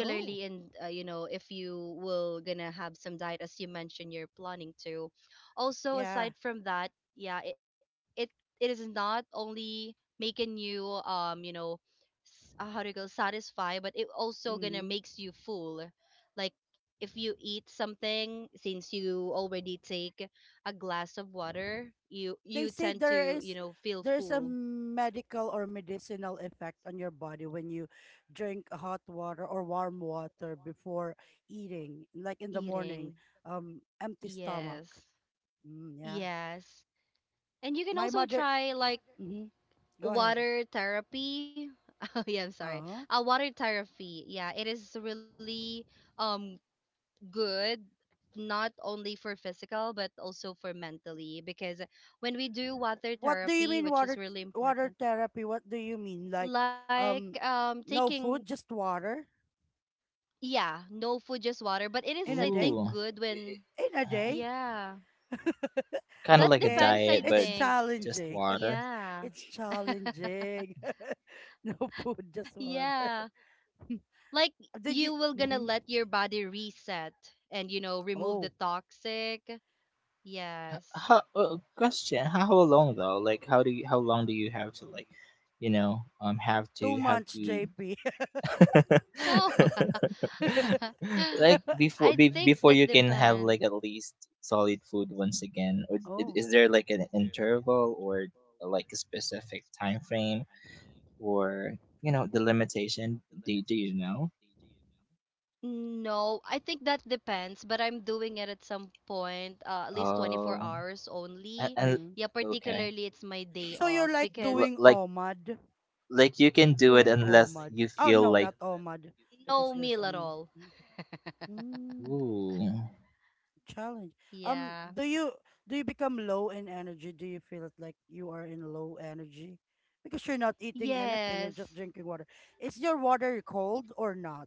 [SPEAKER 1] Oh,
[SPEAKER 2] in, if you will gonna have some diet, as you mentioned you're planning to. Also,
[SPEAKER 1] yeah.
[SPEAKER 2] aside from that, yeah, it, it is not only making you, how to go satisfy, but it also gonna
[SPEAKER 1] Mm-hmm.
[SPEAKER 2] makes you full. Like, if you eat something, since you already take a glass of water, you
[SPEAKER 1] They
[SPEAKER 2] you
[SPEAKER 1] say
[SPEAKER 2] tend
[SPEAKER 1] there
[SPEAKER 2] to,
[SPEAKER 1] is
[SPEAKER 2] feel
[SPEAKER 1] there's a
[SPEAKER 2] full,
[SPEAKER 1] medical or medicinal effect on your body when you drink hot water or warm water before eating, like in the
[SPEAKER 2] eating.
[SPEAKER 1] morning, empty stomach.
[SPEAKER 2] Yes.
[SPEAKER 1] Mm, yeah,
[SPEAKER 2] Yes. And you can
[SPEAKER 1] my
[SPEAKER 2] also
[SPEAKER 1] mother.
[SPEAKER 2] try like
[SPEAKER 1] Mm-hmm. Go ahead.
[SPEAKER 2] water therapy. Oh yeah, I'm sorry.
[SPEAKER 1] Uh,
[SPEAKER 2] Water therapy. Yeah, it is really um good, not only for physical but also for mentally, because when we do water
[SPEAKER 1] what do you
[SPEAKER 2] therapy,
[SPEAKER 1] mean
[SPEAKER 2] which is really important,
[SPEAKER 1] water therapy? What do you mean like,
[SPEAKER 2] like
[SPEAKER 1] um, no
[SPEAKER 2] taking,
[SPEAKER 1] food, just water
[SPEAKER 2] yeah, no food just water, but it is, I
[SPEAKER 1] in a
[SPEAKER 2] think,
[SPEAKER 1] day?
[SPEAKER 3] Ooh,
[SPEAKER 2] good when,
[SPEAKER 3] I-
[SPEAKER 1] In a
[SPEAKER 3] I-
[SPEAKER 1] day?
[SPEAKER 2] yeah.
[SPEAKER 3] kind of
[SPEAKER 2] That
[SPEAKER 3] like a
[SPEAKER 1] Okay,
[SPEAKER 2] depends, I
[SPEAKER 3] diet, but
[SPEAKER 1] it's
[SPEAKER 2] think.
[SPEAKER 3] just
[SPEAKER 1] challenging.
[SPEAKER 3] water.
[SPEAKER 2] Yeah.
[SPEAKER 1] It's challenging. No food, just
[SPEAKER 2] Yeah.
[SPEAKER 1] water.
[SPEAKER 2] Like, you
[SPEAKER 1] Did
[SPEAKER 2] will
[SPEAKER 1] you?
[SPEAKER 2] gonna let
[SPEAKER 1] Hmm.
[SPEAKER 2] your body reset and, remove the
[SPEAKER 1] Oh,
[SPEAKER 2] toxic. Yes.
[SPEAKER 3] How, question: How long though? Like, how do you, how long do you have to like, you know, have
[SPEAKER 1] two
[SPEAKER 3] to have
[SPEAKER 1] months,
[SPEAKER 3] to
[SPEAKER 1] JP.
[SPEAKER 2] No.
[SPEAKER 3] like
[SPEAKER 2] I
[SPEAKER 3] before
[SPEAKER 2] think
[SPEAKER 3] before
[SPEAKER 2] that
[SPEAKER 3] you can have
[SPEAKER 2] depends.
[SPEAKER 3] like at least solid food once again? Or
[SPEAKER 1] Oh,
[SPEAKER 3] is there like an interval or like a specific time frame or you know the limitation? Do you know?
[SPEAKER 2] No, I think that depends, but I'm doing it at some point, at least
[SPEAKER 3] Oh,
[SPEAKER 2] 24 hours
[SPEAKER 3] and
[SPEAKER 2] only.
[SPEAKER 1] mm-hmm.
[SPEAKER 2] Yeah,
[SPEAKER 3] okay,
[SPEAKER 2] particularly it's my
[SPEAKER 1] So
[SPEAKER 2] day
[SPEAKER 1] you're like
[SPEAKER 2] off,
[SPEAKER 3] L-
[SPEAKER 1] doing
[SPEAKER 3] like
[SPEAKER 2] because
[SPEAKER 1] OMAD, like
[SPEAKER 3] like you can do it
[SPEAKER 1] doing
[SPEAKER 3] unless
[SPEAKER 1] OMAD.
[SPEAKER 3] you
[SPEAKER 1] Oh
[SPEAKER 3] feel
[SPEAKER 1] no,
[SPEAKER 3] like
[SPEAKER 1] not OMAD
[SPEAKER 2] no meal
[SPEAKER 1] because
[SPEAKER 2] at
[SPEAKER 1] there's a
[SPEAKER 2] all.
[SPEAKER 1] meal. Mm. Mm.
[SPEAKER 3] ooh.
[SPEAKER 1] Challenge. Um,
[SPEAKER 2] Yeah.
[SPEAKER 1] do you do you become low in energy? Do you feel it like you are in low energy? Because you're not eating anything, you're
[SPEAKER 2] Yes.
[SPEAKER 1] just drinking water. Is your water cold or not?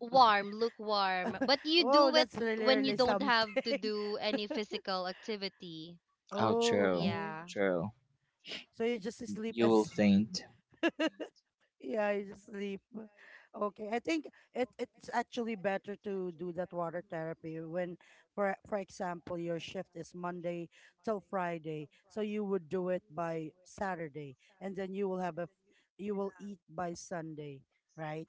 [SPEAKER 2] Warm, lukewarm. But you
[SPEAKER 1] Oh,
[SPEAKER 2] do it
[SPEAKER 1] that's really,
[SPEAKER 2] when
[SPEAKER 1] really
[SPEAKER 2] you don't
[SPEAKER 1] something.
[SPEAKER 2] have to do any physical activity.
[SPEAKER 3] Oh,
[SPEAKER 1] Oh,
[SPEAKER 3] true,
[SPEAKER 1] okay.
[SPEAKER 2] Yeah.
[SPEAKER 3] true.
[SPEAKER 1] So you just sleep
[SPEAKER 3] You
[SPEAKER 1] and
[SPEAKER 3] will
[SPEAKER 1] sleep.
[SPEAKER 3] faint.
[SPEAKER 1] Yeah, you just sleep. Okay, I think it's actually better to do that water therapy when, for example, your shift is Monday till Friday, so you would do it by Saturday, and then you will have you will eat by Sunday, right?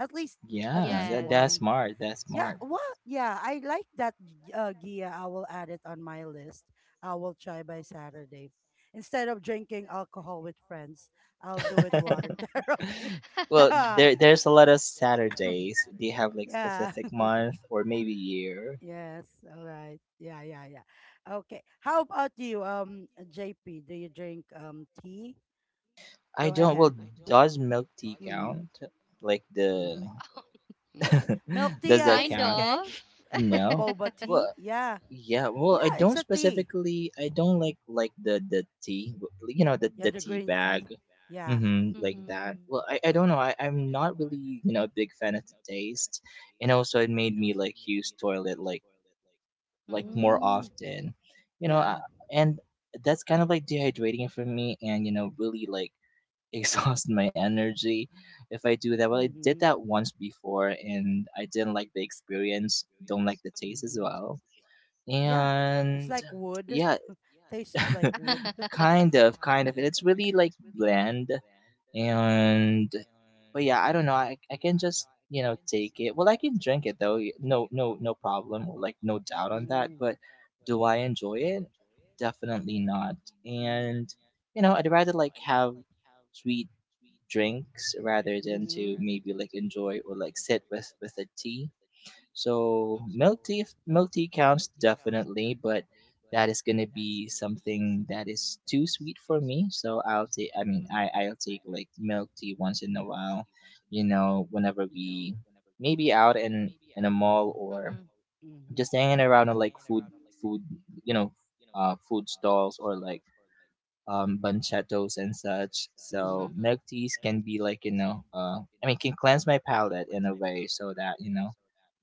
[SPEAKER 1] At least at
[SPEAKER 3] Yeah,
[SPEAKER 1] least
[SPEAKER 3] that,
[SPEAKER 2] Yes.
[SPEAKER 3] that's
[SPEAKER 1] one.
[SPEAKER 3] smart. That's
[SPEAKER 1] Yeah,
[SPEAKER 3] smart.
[SPEAKER 1] well, yeah, I like that Gia. I will add it on my list. I will try by Saturday. Instead of drinking alcohol with friends, I'll do it water therapy.
[SPEAKER 3] well,
[SPEAKER 1] Yeah.
[SPEAKER 3] there's a lot of Saturdays. Do you have like
[SPEAKER 1] Yeah.
[SPEAKER 3] specific month or maybe year?
[SPEAKER 1] Yes. All right. Yeah, yeah, yeah. Okay. How about you, JP? Do you drink tea?
[SPEAKER 3] I
[SPEAKER 1] Go
[SPEAKER 3] don't.
[SPEAKER 1] ahead.
[SPEAKER 3] Well, does milk tea
[SPEAKER 1] Mm-hmm.
[SPEAKER 3] count? Like the
[SPEAKER 1] Mm-hmm. Milk tea,
[SPEAKER 3] does
[SPEAKER 1] yeah,
[SPEAKER 3] that
[SPEAKER 1] it's
[SPEAKER 3] count?
[SPEAKER 2] Kind
[SPEAKER 1] okay.
[SPEAKER 2] of.
[SPEAKER 1] With
[SPEAKER 3] No.
[SPEAKER 1] boba tea.
[SPEAKER 3] Well.
[SPEAKER 1] Yeah.
[SPEAKER 3] Yeah, well, I
[SPEAKER 1] Yeah, it's
[SPEAKER 3] don't
[SPEAKER 1] a tea.
[SPEAKER 3] specifically. I don't
[SPEAKER 1] Hmm.
[SPEAKER 3] like the tea, you know, the
[SPEAKER 1] Yeah,
[SPEAKER 3] the
[SPEAKER 1] the
[SPEAKER 3] tea
[SPEAKER 1] green tea.
[SPEAKER 3] bag,
[SPEAKER 1] Yeah.
[SPEAKER 3] like
[SPEAKER 2] Mhm.
[SPEAKER 3] that. Well,
[SPEAKER 2] Mhm.
[SPEAKER 3] I don't know. I'm not really you know a big fan of the taste, and also it made me like use toilet like
[SPEAKER 2] Mhm. Mhm.
[SPEAKER 3] more
[SPEAKER 2] Mhm.
[SPEAKER 1] Mm,
[SPEAKER 3] often, you know, I,
[SPEAKER 1] yeah.
[SPEAKER 3] and that's kind of like dehydrating for me, and you know, really like exhaust my energy if I do that. Well, I did
[SPEAKER 1] Mm-hmm.
[SPEAKER 3] that once before, and I didn't like the experience. Don't like the taste as
[SPEAKER 1] Mm-hmm.
[SPEAKER 3] well
[SPEAKER 1] Yeah. It's
[SPEAKER 3] and
[SPEAKER 1] like wood.
[SPEAKER 3] yeah
[SPEAKER 1] Tastes like wood.
[SPEAKER 3] kind of kind of and
[SPEAKER 1] Mm,
[SPEAKER 3] it's really like bland and but yeah I don't know I can just you know take it well I can drink it though no problem or like no doubt on that
[SPEAKER 1] mm,
[SPEAKER 3] but do I enjoy it definitely not and you know I'd rather like have sweet drinks rather than
[SPEAKER 1] mm-hmm.
[SPEAKER 3] to maybe like enjoy or like sit with a tea so milk tea counts definitely, but that is gonna be something that is too sweet for me. So I'll take, I mean, I'll take like milk tea once in a while, you know, whenever we maybe out in a mall or
[SPEAKER 1] Mm-hmm.
[SPEAKER 3] just hanging around on like food, you know, food stalls or like banchatos and such.
[SPEAKER 1] Mm-hmm.
[SPEAKER 3] So milk teas can be like you know, I mean, can cleanse my palate in a way so that you know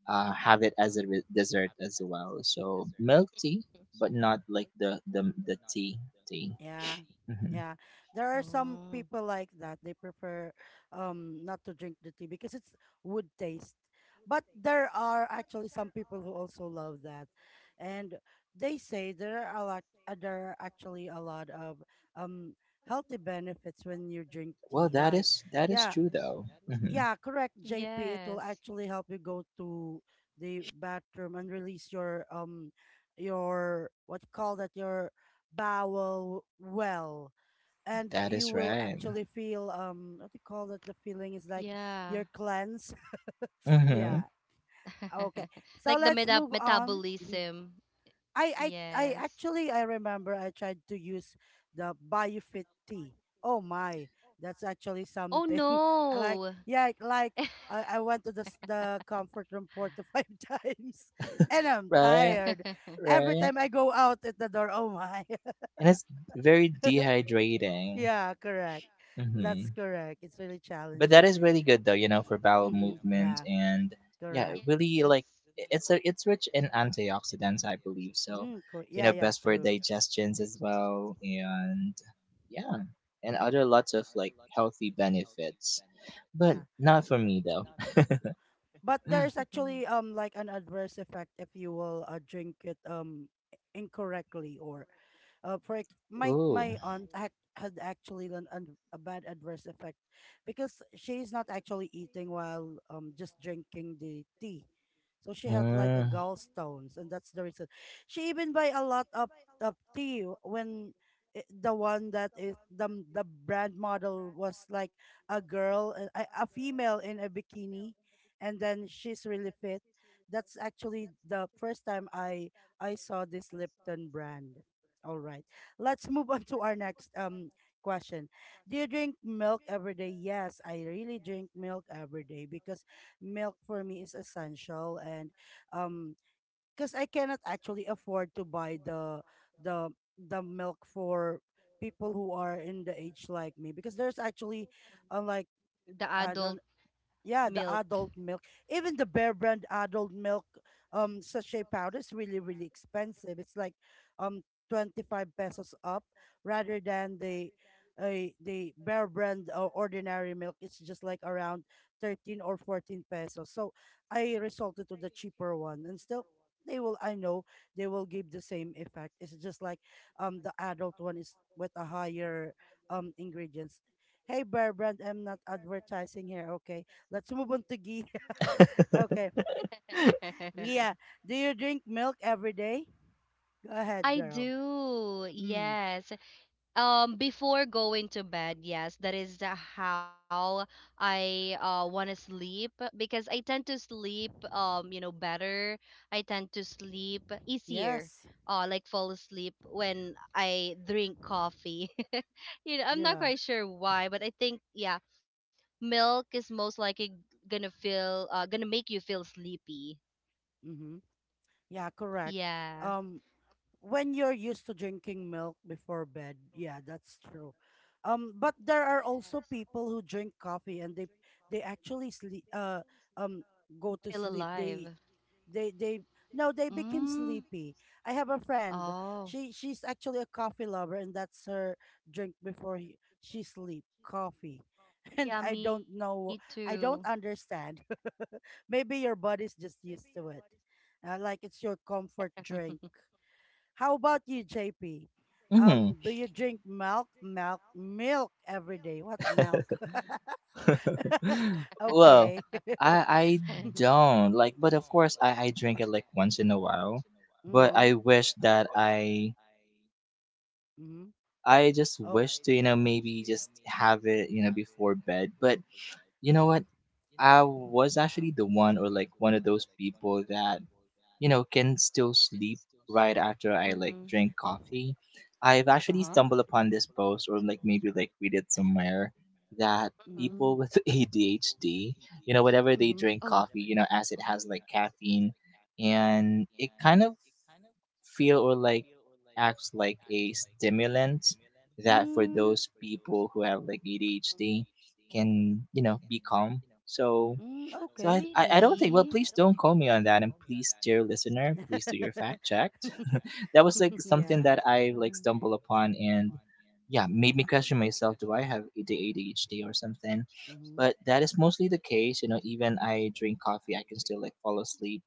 [SPEAKER 3] have it as a dessert as well. So milk tea, but not like the tea tea.
[SPEAKER 1] Yeah.
[SPEAKER 3] Hmm
[SPEAKER 1] Yeah. There are some
[SPEAKER 2] Oh,
[SPEAKER 1] people like that. They prefer not to drink the tea because it's wood taste. But there are actually some people who also love that. And they say there are a lot there are actually a lot of um healthy benefits when you drink
[SPEAKER 3] Well,
[SPEAKER 1] tea. Like,
[SPEAKER 3] that is
[SPEAKER 1] yeah,
[SPEAKER 3] true though. Hmm
[SPEAKER 1] yeah, correct, JP. It will
[SPEAKER 2] yes.
[SPEAKER 1] actually help you go to the bathroom and release your what you call that your bowel well. And
[SPEAKER 3] That
[SPEAKER 1] you
[SPEAKER 3] is
[SPEAKER 1] will
[SPEAKER 3] right.
[SPEAKER 1] actually feel what you call that the feeling is like
[SPEAKER 2] Yeah.
[SPEAKER 1] your cleanse.
[SPEAKER 3] hmm
[SPEAKER 1] Yeah. Okay. So
[SPEAKER 2] Like the
[SPEAKER 1] let's move on.
[SPEAKER 2] metabolism.
[SPEAKER 1] I I I
[SPEAKER 2] Yes.
[SPEAKER 1] actually I remember I tried to use the BioFit tea. Oh my, that's actually
[SPEAKER 2] Oh
[SPEAKER 1] something. I like,
[SPEAKER 2] no.
[SPEAKER 1] yeah, I went to the the comfort room 4 to 5 times, and I'm
[SPEAKER 3] Right,
[SPEAKER 1] tired. Every
[SPEAKER 3] right,
[SPEAKER 1] time I go out at the door, oh my.
[SPEAKER 3] and it's very dehydrating.
[SPEAKER 1] Yeah, correct.
[SPEAKER 3] Hmm
[SPEAKER 1] That's correct. It's really
[SPEAKER 3] but that
[SPEAKER 1] challenging.
[SPEAKER 3] is really good though you know for bowel
[SPEAKER 1] Mm-hmm.
[SPEAKER 3] movement
[SPEAKER 1] Yeah,
[SPEAKER 3] and yeah
[SPEAKER 1] correct.
[SPEAKER 3] really
[SPEAKER 2] Yes.
[SPEAKER 3] like it's a it's rich in antioxidants I believe so you
[SPEAKER 1] Yeah,
[SPEAKER 3] know
[SPEAKER 1] yeah,
[SPEAKER 3] best for
[SPEAKER 1] true.
[SPEAKER 3] digestions as well and yeah and other lots of like healthy benefits but
[SPEAKER 1] Yeah.
[SPEAKER 3] not for me though
[SPEAKER 1] But there's
[SPEAKER 2] Mhm.
[SPEAKER 1] actually like an adverse effect if you will drink it incorrectly or my
[SPEAKER 3] ooh
[SPEAKER 1] aunt had actually a bad adverse effect because she's not actually eating while just drinking the tea, so she had like a
[SPEAKER 3] mm,
[SPEAKER 1] gallstones and that's the reason she even buy a lot of tea when the one that is the brand model was like a girl a female in a bikini and then she's really fit. That's actually the first time I saw this Lipton brand. All right. Let's move on to our next question. Do you drink milk every day? Yes, I really drink milk every day because milk for me is essential and um because I cannot actually afford to buy the the milk for people who are in the age like me because there's actually like
[SPEAKER 2] The
[SPEAKER 1] I
[SPEAKER 2] adult
[SPEAKER 1] don't, yeah, the
[SPEAKER 2] milk.
[SPEAKER 1] adult milk. Even the Bear Brand adult milk sachet powder is really, really expensive. It's like um 25 pesos up rather than the Bear Brand ordinary milk. It's just like around 13 or 14 pesos. So I resorted to the cheaper one and still they will, I know they will give the same effect. It's just like the adult one is with a higher ingredients. Hey Bear Brand, I'm not advertising here, okay? Let's move on to Gia. Okay. Gia, do you drink milk every day? Go ahead,
[SPEAKER 2] I
[SPEAKER 1] girl.
[SPEAKER 2] do.
[SPEAKER 1] Mm.
[SPEAKER 2] Yes. Before going to bed, yes, that is, how I want to sleep, because I tend to sleep, better. I tend to sleep easier.
[SPEAKER 1] Yes.
[SPEAKER 2] Like fall asleep when I drink coffee. You know, I'm not
[SPEAKER 1] Yeah.
[SPEAKER 2] quite sure why, but I think yeah, milk is most likely gonna make you feel sleepy.
[SPEAKER 1] Mm-hmm. Yeah, correct.
[SPEAKER 2] Yeah.
[SPEAKER 1] Um, when you're used to drinking milk before bed, yeah, that's true. But there are also
[SPEAKER 2] Yes.
[SPEAKER 1] people who drink coffee and they actually sleep um go
[SPEAKER 2] Feel
[SPEAKER 1] to sleep.
[SPEAKER 2] alive.
[SPEAKER 1] They No, they became
[SPEAKER 2] Mm.
[SPEAKER 1] sleepy. I have a friend,
[SPEAKER 2] Oh.
[SPEAKER 1] she's actually a coffee lover and that's her drink before she sleep, coffee. And
[SPEAKER 2] Yeah,
[SPEAKER 1] I
[SPEAKER 2] me
[SPEAKER 1] don't know,
[SPEAKER 2] too.
[SPEAKER 1] I don't understand. Maybe your body's just used to it, like it's your comfort
[SPEAKER 2] Mm-hmm.
[SPEAKER 1] drink. How about you, JP?
[SPEAKER 3] mhm.
[SPEAKER 1] Do you drink milk every day? What milk?
[SPEAKER 3] well
[SPEAKER 1] Okay.
[SPEAKER 3] i i don't like but of course I drink it like once in a while but
[SPEAKER 1] Mm-hmm,
[SPEAKER 3] I wish that i
[SPEAKER 1] mm-hmm.
[SPEAKER 3] I just
[SPEAKER 1] Oh.
[SPEAKER 3] wish to, you know, maybe just have it, you know, before bed. But you know what? I was actually the one or like one of those people that, you know, can still sleep right after I like
[SPEAKER 2] Mm-hmm.
[SPEAKER 3] drink coffee. I've actually
[SPEAKER 1] Uh-huh.
[SPEAKER 3] stumbled upon this post or like maybe like read it somewhere that people
[SPEAKER 1] Mm.
[SPEAKER 3] with ADHD, you know, whatever they
[SPEAKER 1] Mhm.
[SPEAKER 2] Oh,
[SPEAKER 3] drink coffee, you know, as it has like caffeine and it kind of feel or like acts like a stimulant that for
[SPEAKER 1] Mm,
[SPEAKER 3] those people who have like ADHD can you know be calm. So
[SPEAKER 1] mm,
[SPEAKER 3] so I
[SPEAKER 1] okay.
[SPEAKER 3] I, I don't think
[SPEAKER 2] really?
[SPEAKER 3] well please don't call me on that and please dear listener please do your fact checked. that was like something
[SPEAKER 1] Yeah.
[SPEAKER 3] that I like stumbled upon and yeah made me question myself do I have the ADHD or something.
[SPEAKER 1] Mhm.
[SPEAKER 3] But that is mostly the case, you know. Even I drink coffee, I can still like fall asleep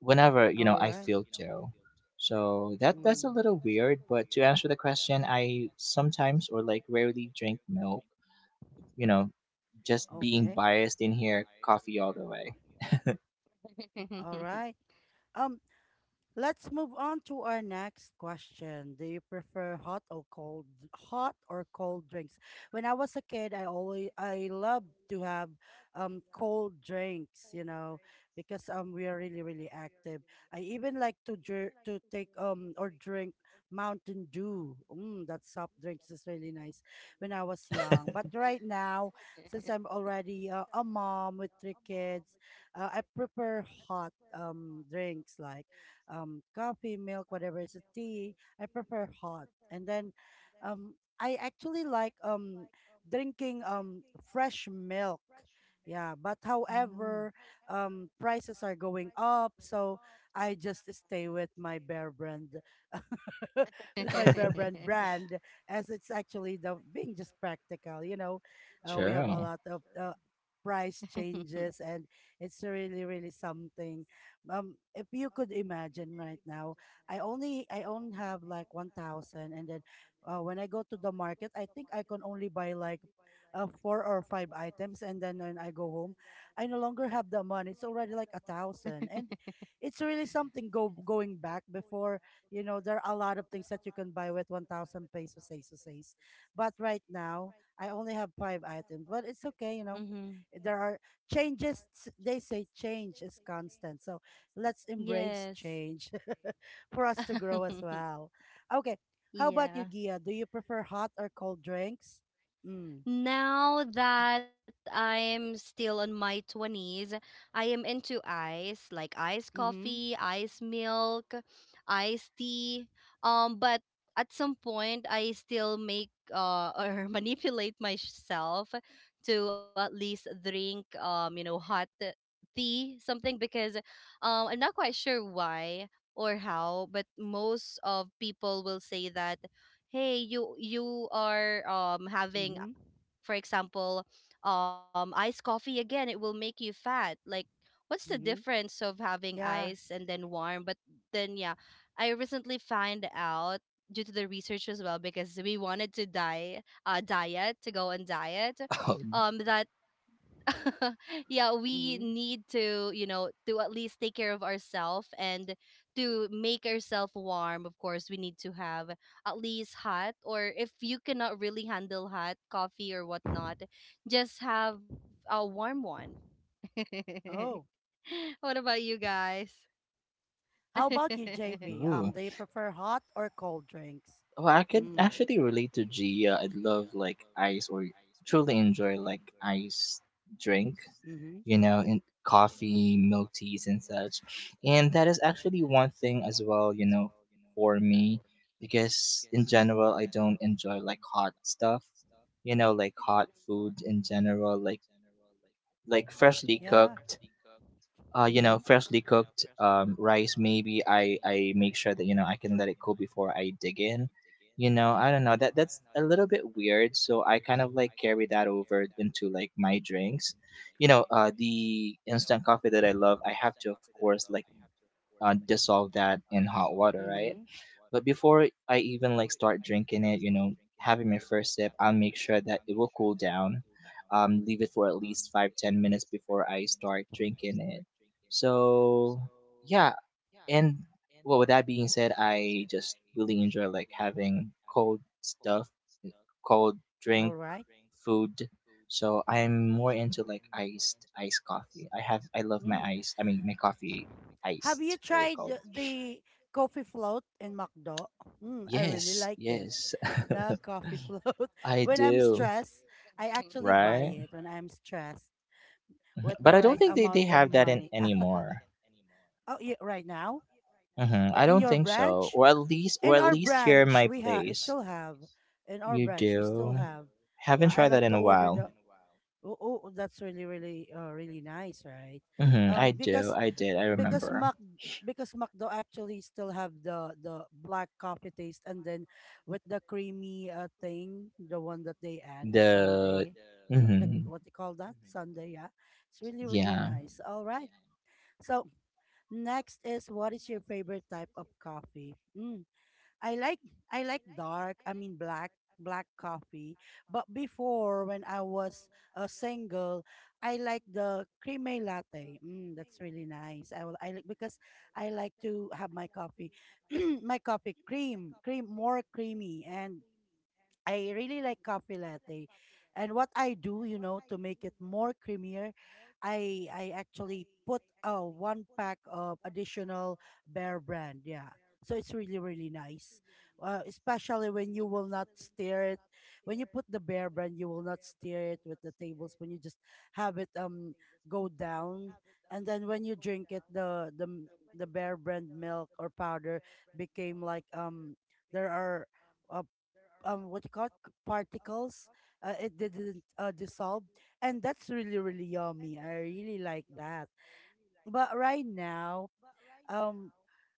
[SPEAKER 3] whenever you know
[SPEAKER 1] All
[SPEAKER 3] I
[SPEAKER 1] right.
[SPEAKER 3] feel Joe. So that's a
[SPEAKER 1] Mm,
[SPEAKER 3] little weird, but to answer the question, I sometimes or like rarely drink milk. You know, just being
[SPEAKER 1] okay.
[SPEAKER 3] biased in here, coffee all the way.
[SPEAKER 1] All
[SPEAKER 2] Mm-hmm.
[SPEAKER 1] right. Um, let's move on to our next question. Do you prefer hot or cold, drinks? When I was a kid, I loved to have cold drinks, you know, because we are really really active. I even like to to take or drink Mountain Dew. Mm, that soft drinks is really nice when I was young. But right now, since I'm already a mom with 3 kids, I prefer hot drinks like coffee, milk, whatever, it's a tea. I prefer hot. And then um, I actually like drinking fresh milk. Yeah, but however, prices are going up, so I just stay with my Bear Brand. With my Bear Brand as it's actually the being just practical. You know, we have a
[SPEAKER 3] True.
[SPEAKER 1] lot of price changes, and it's really, really something. If you could imagine right now, I only have like 1,000, and then when I go to the market, I think I can only buy like. 4 or 5 items, and then when I go home I no longer have the money, it's already like a thousand, and it's really something. Go going back before, you know, there are a lot of things that you can buy with 1,000 pesos. But right now, I only have 5 items. But it's okay, you know. There are changes. They say change is constant. So let's embrace
[SPEAKER 2] Yes.
[SPEAKER 1] change for us to grow as well. Okay. How about
[SPEAKER 2] Yeah.
[SPEAKER 1] you, Gia? Do you prefer hot or cold drinks? Mm.
[SPEAKER 2] Now that I'm still in my 20s, I am into ice, like iced
[SPEAKER 1] Mm-hmm.
[SPEAKER 2] coffee, ice milk, iced tea. But at some point, I still make or manipulate myself to at least drink, hot tea, something, because I'm not quite sure why or how, but most of people will say that, hey, you are having,
[SPEAKER 1] Mm-hmm.
[SPEAKER 2] for example, iced coffee again, it will make you fat. Like, what's the
[SPEAKER 1] Mm-hmm.
[SPEAKER 2] difference of having
[SPEAKER 1] Yeah.
[SPEAKER 2] ice and then warm? But then, yeah, I recently find out, due to the research as well, because we wanted to diet, to go on diet,
[SPEAKER 3] Oh,
[SPEAKER 2] that. Yeah, we
[SPEAKER 1] Mm-hmm.
[SPEAKER 2] need to, you know, to at least take care of ourselves and to make ourselves warm. Of course, we need to have at least hot, or if you cannot really handle hot coffee or whatnot, just have a warm one.
[SPEAKER 1] Oh.
[SPEAKER 2] What about you guys?
[SPEAKER 1] How about you, JP?
[SPEAKER 3] ooh.
[SPEAKER 1] Do you prefer hot or cold drinks?
[SPEAKER 3] Well, I could
[SPEAKER 1] Mm.
[SPEAKER 3] actually relate to Gia. I love like ice or truly enjoy like ice drink.
[SPEAKER 1] Mm-hmm.
[SPEAKER 3] You know, in coffee, milk teas, and such. And that is actually one thing as well, you know, for me, because in general, I don't enjoy like hot stuff, you know, like hot food in general, like freshly
[SPEAKER 1] Yeah.
[SPEAKER 3] cooked you know,
[SPEAKER 1] Mm-hmm.
[SPEAKER 3] freshly cooked rice. Maybe I make sure that you know I can let it cool before I dig in. You know, I don't know, that that's a little bit weird. So I kind of like carry that over into like my drinks. You know, the instant coffee that I love, I have to of course like dissolve that in hot water, right?
[SPEAKER 1] Mm-hmm.
[SPEAKER 3] But before I even like start drinking it, you know, having my first sip, I'll make sure that it will cool down. Leave it for at least 5-10 minutes before I start drinking it. So yeah, and with that being said, I just really enjoy like having cold stuff, cold drink,
[SPEAKER 1] All right.
[SPEAKER 3] food. So I'm more into like iced coffee. I love my
[SPEAKER 1] Mm.
[SPEAKER 3] ice. I mean my coffee
[SPEAKER 1] Have you
[SPEAKER 3] iced or
[SPEAKER 1] tried
[SPEAKER 3] cold.
[SPEAKER 1] the coffee float in McDo? Mm, I really
[SPEAKER 3] Yes,
[SPEAKER 1] like it.
[SPEAKER 3] yes.
[SPEAKER 1] The coffee float.
[SPEAKER 3] I
[SPEAKER 1] When I'm
[SPEAKER 3] do,
[SPEAKER 1] stressed, I actually buy
[SPEAKER 3] right?
[SPEAKER 1] it when I'm stressed with the
[SPEAKER 3] But I don't
[SPEAKER 1] right
[SPEAKER 3] think they
[SPEAKER 1] amount of
[SPEAKER 3] have that in
[SPEAKER 1] money.
[SPEAKER 3] anymore.
[SPEAKER 1] Oh, yeah, right now?
[SPEAKER 3] Hmm, I
[SPEAKER 1] In
[SPEAKER 3] don't
[SPEAKER 1] your
[SPEAKER 3] think so,
[SPEAKER 1] branch?
[SPEAKER 3] or at least or
[SPEAKER 1] In
[SPEAKER 3] at
[SPEAKER 1] our
[SPEAKER 3] least here in
[SPEAKER 1] branch,
[SPEAKER 3] my
[SPEAKER 1] we have
[SPEAKER 3] place,
[SPEAKER 1] still have. In our
[SPEAKER 3] you
[SPEAKER 1] branch, we still
[SPEAKER 3] do.
[SPEAKER 1] have.
[SPEAKER 3] Haven't
[SPEAKER 1] Yeah, I
[SPEAKER 3] tried that
[SPEAKER 1] like
[SPEAKER 3] in
[SPEAKER 1] to
[SPEAKER 3] a
[SPEAKER 1] order
[SPEAKER 3] while.
[SPEAKER 1] the. Oh, oh, that's really, really, really nice, right?
[SPEAKER 3] Hmm, I
[SPEAKER 1] Um,
[SPEAKER 3] do,
[SPEAKER 1] because
[SPEAKER 3] I did, I
[SPEAKER 1] because
[SPEAKER 3] remember
[SPEAKER 1] Mac because McDo actually still have the black coffee taste and then with the creamy thing, the one that they add, the
[SPEAKER 3] the.
[SPEAKER 1] Sunday. No, the,
[SPEAKER 3] Hmm.
[SPEAKER 1] what they call that? Sunday, yeah. It's really, really
[SPEAKER 3] Yeah,
[SPEAKER 1] nice. All right. So next is, what is your favorite type of coffee? Mm. I like I like dark, I mean black, black coffee. But before, when I was single, I like the creamy latte. Mm, that's really nice. I like because I like to have my coffee my coffee cream, cream more creamy, and I really like coffee latte. And what I do, you know, to make it more creamier, I actually put a one pack of additional Bear Brand. Yeah. So it's really really nice. Especially when you will not stir it. When you put the Bear Brand, you will not stir it with the tablespoon. You just have it go down, and then when you drink it the the Bear Brand milk or powder became like there are uh, what you call it, particles. It didn't dissolve, and that's really really yummy. I really like that. But right now, um,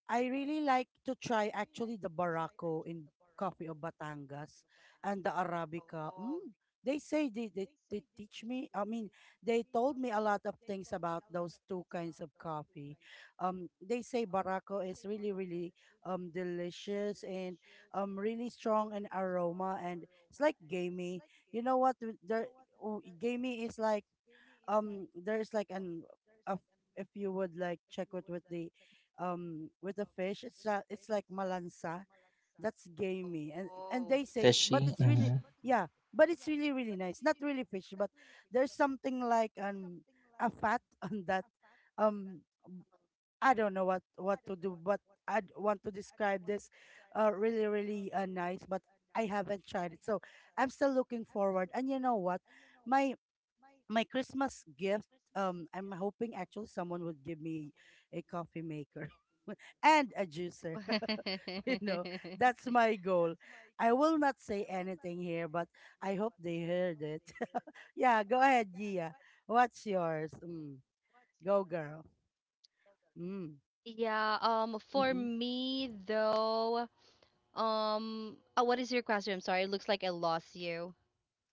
[SPEAKER 1] I really like to try actually the Barako in coffee of Batangas and the Arabica. Mm, they say they teach me. I mean, they told me a lot of things about those two kinds of coffee. They say Barako is really really delicious and really strong in aroma and it's like gamey. You know what? Oh, gamey is like there's like a, if you would like check it with the fish, it's like malansa, that's gamey. And they say it's, but
[SPEAKER 3] fishy.
[SPEAKER 1] it's really,
[SPEAKER 3] Hmm.
[SPEAKER 1] yeah, but it's really really nice, not really fish but there's something like a fat on that. um I don't know what to do, but I want to describe this really really nice, but I haven't tried it, so I'm still looking forward. And you know what, my my Christmas gift, I'm hoping actually someone would give me a coffee maker and a juicer. You know, that's my goal. I will not say anything here, but I hope they heard it. Yeah, go ahead, Gia. What's yours? Mm, go, girl. Mm,
[SPEAKER 2] Yeah, for
[SPEAKER 1] hmm.
[SPEAKER 2] me though, oh, what is your question? I'm sorry, it looks like I lost you.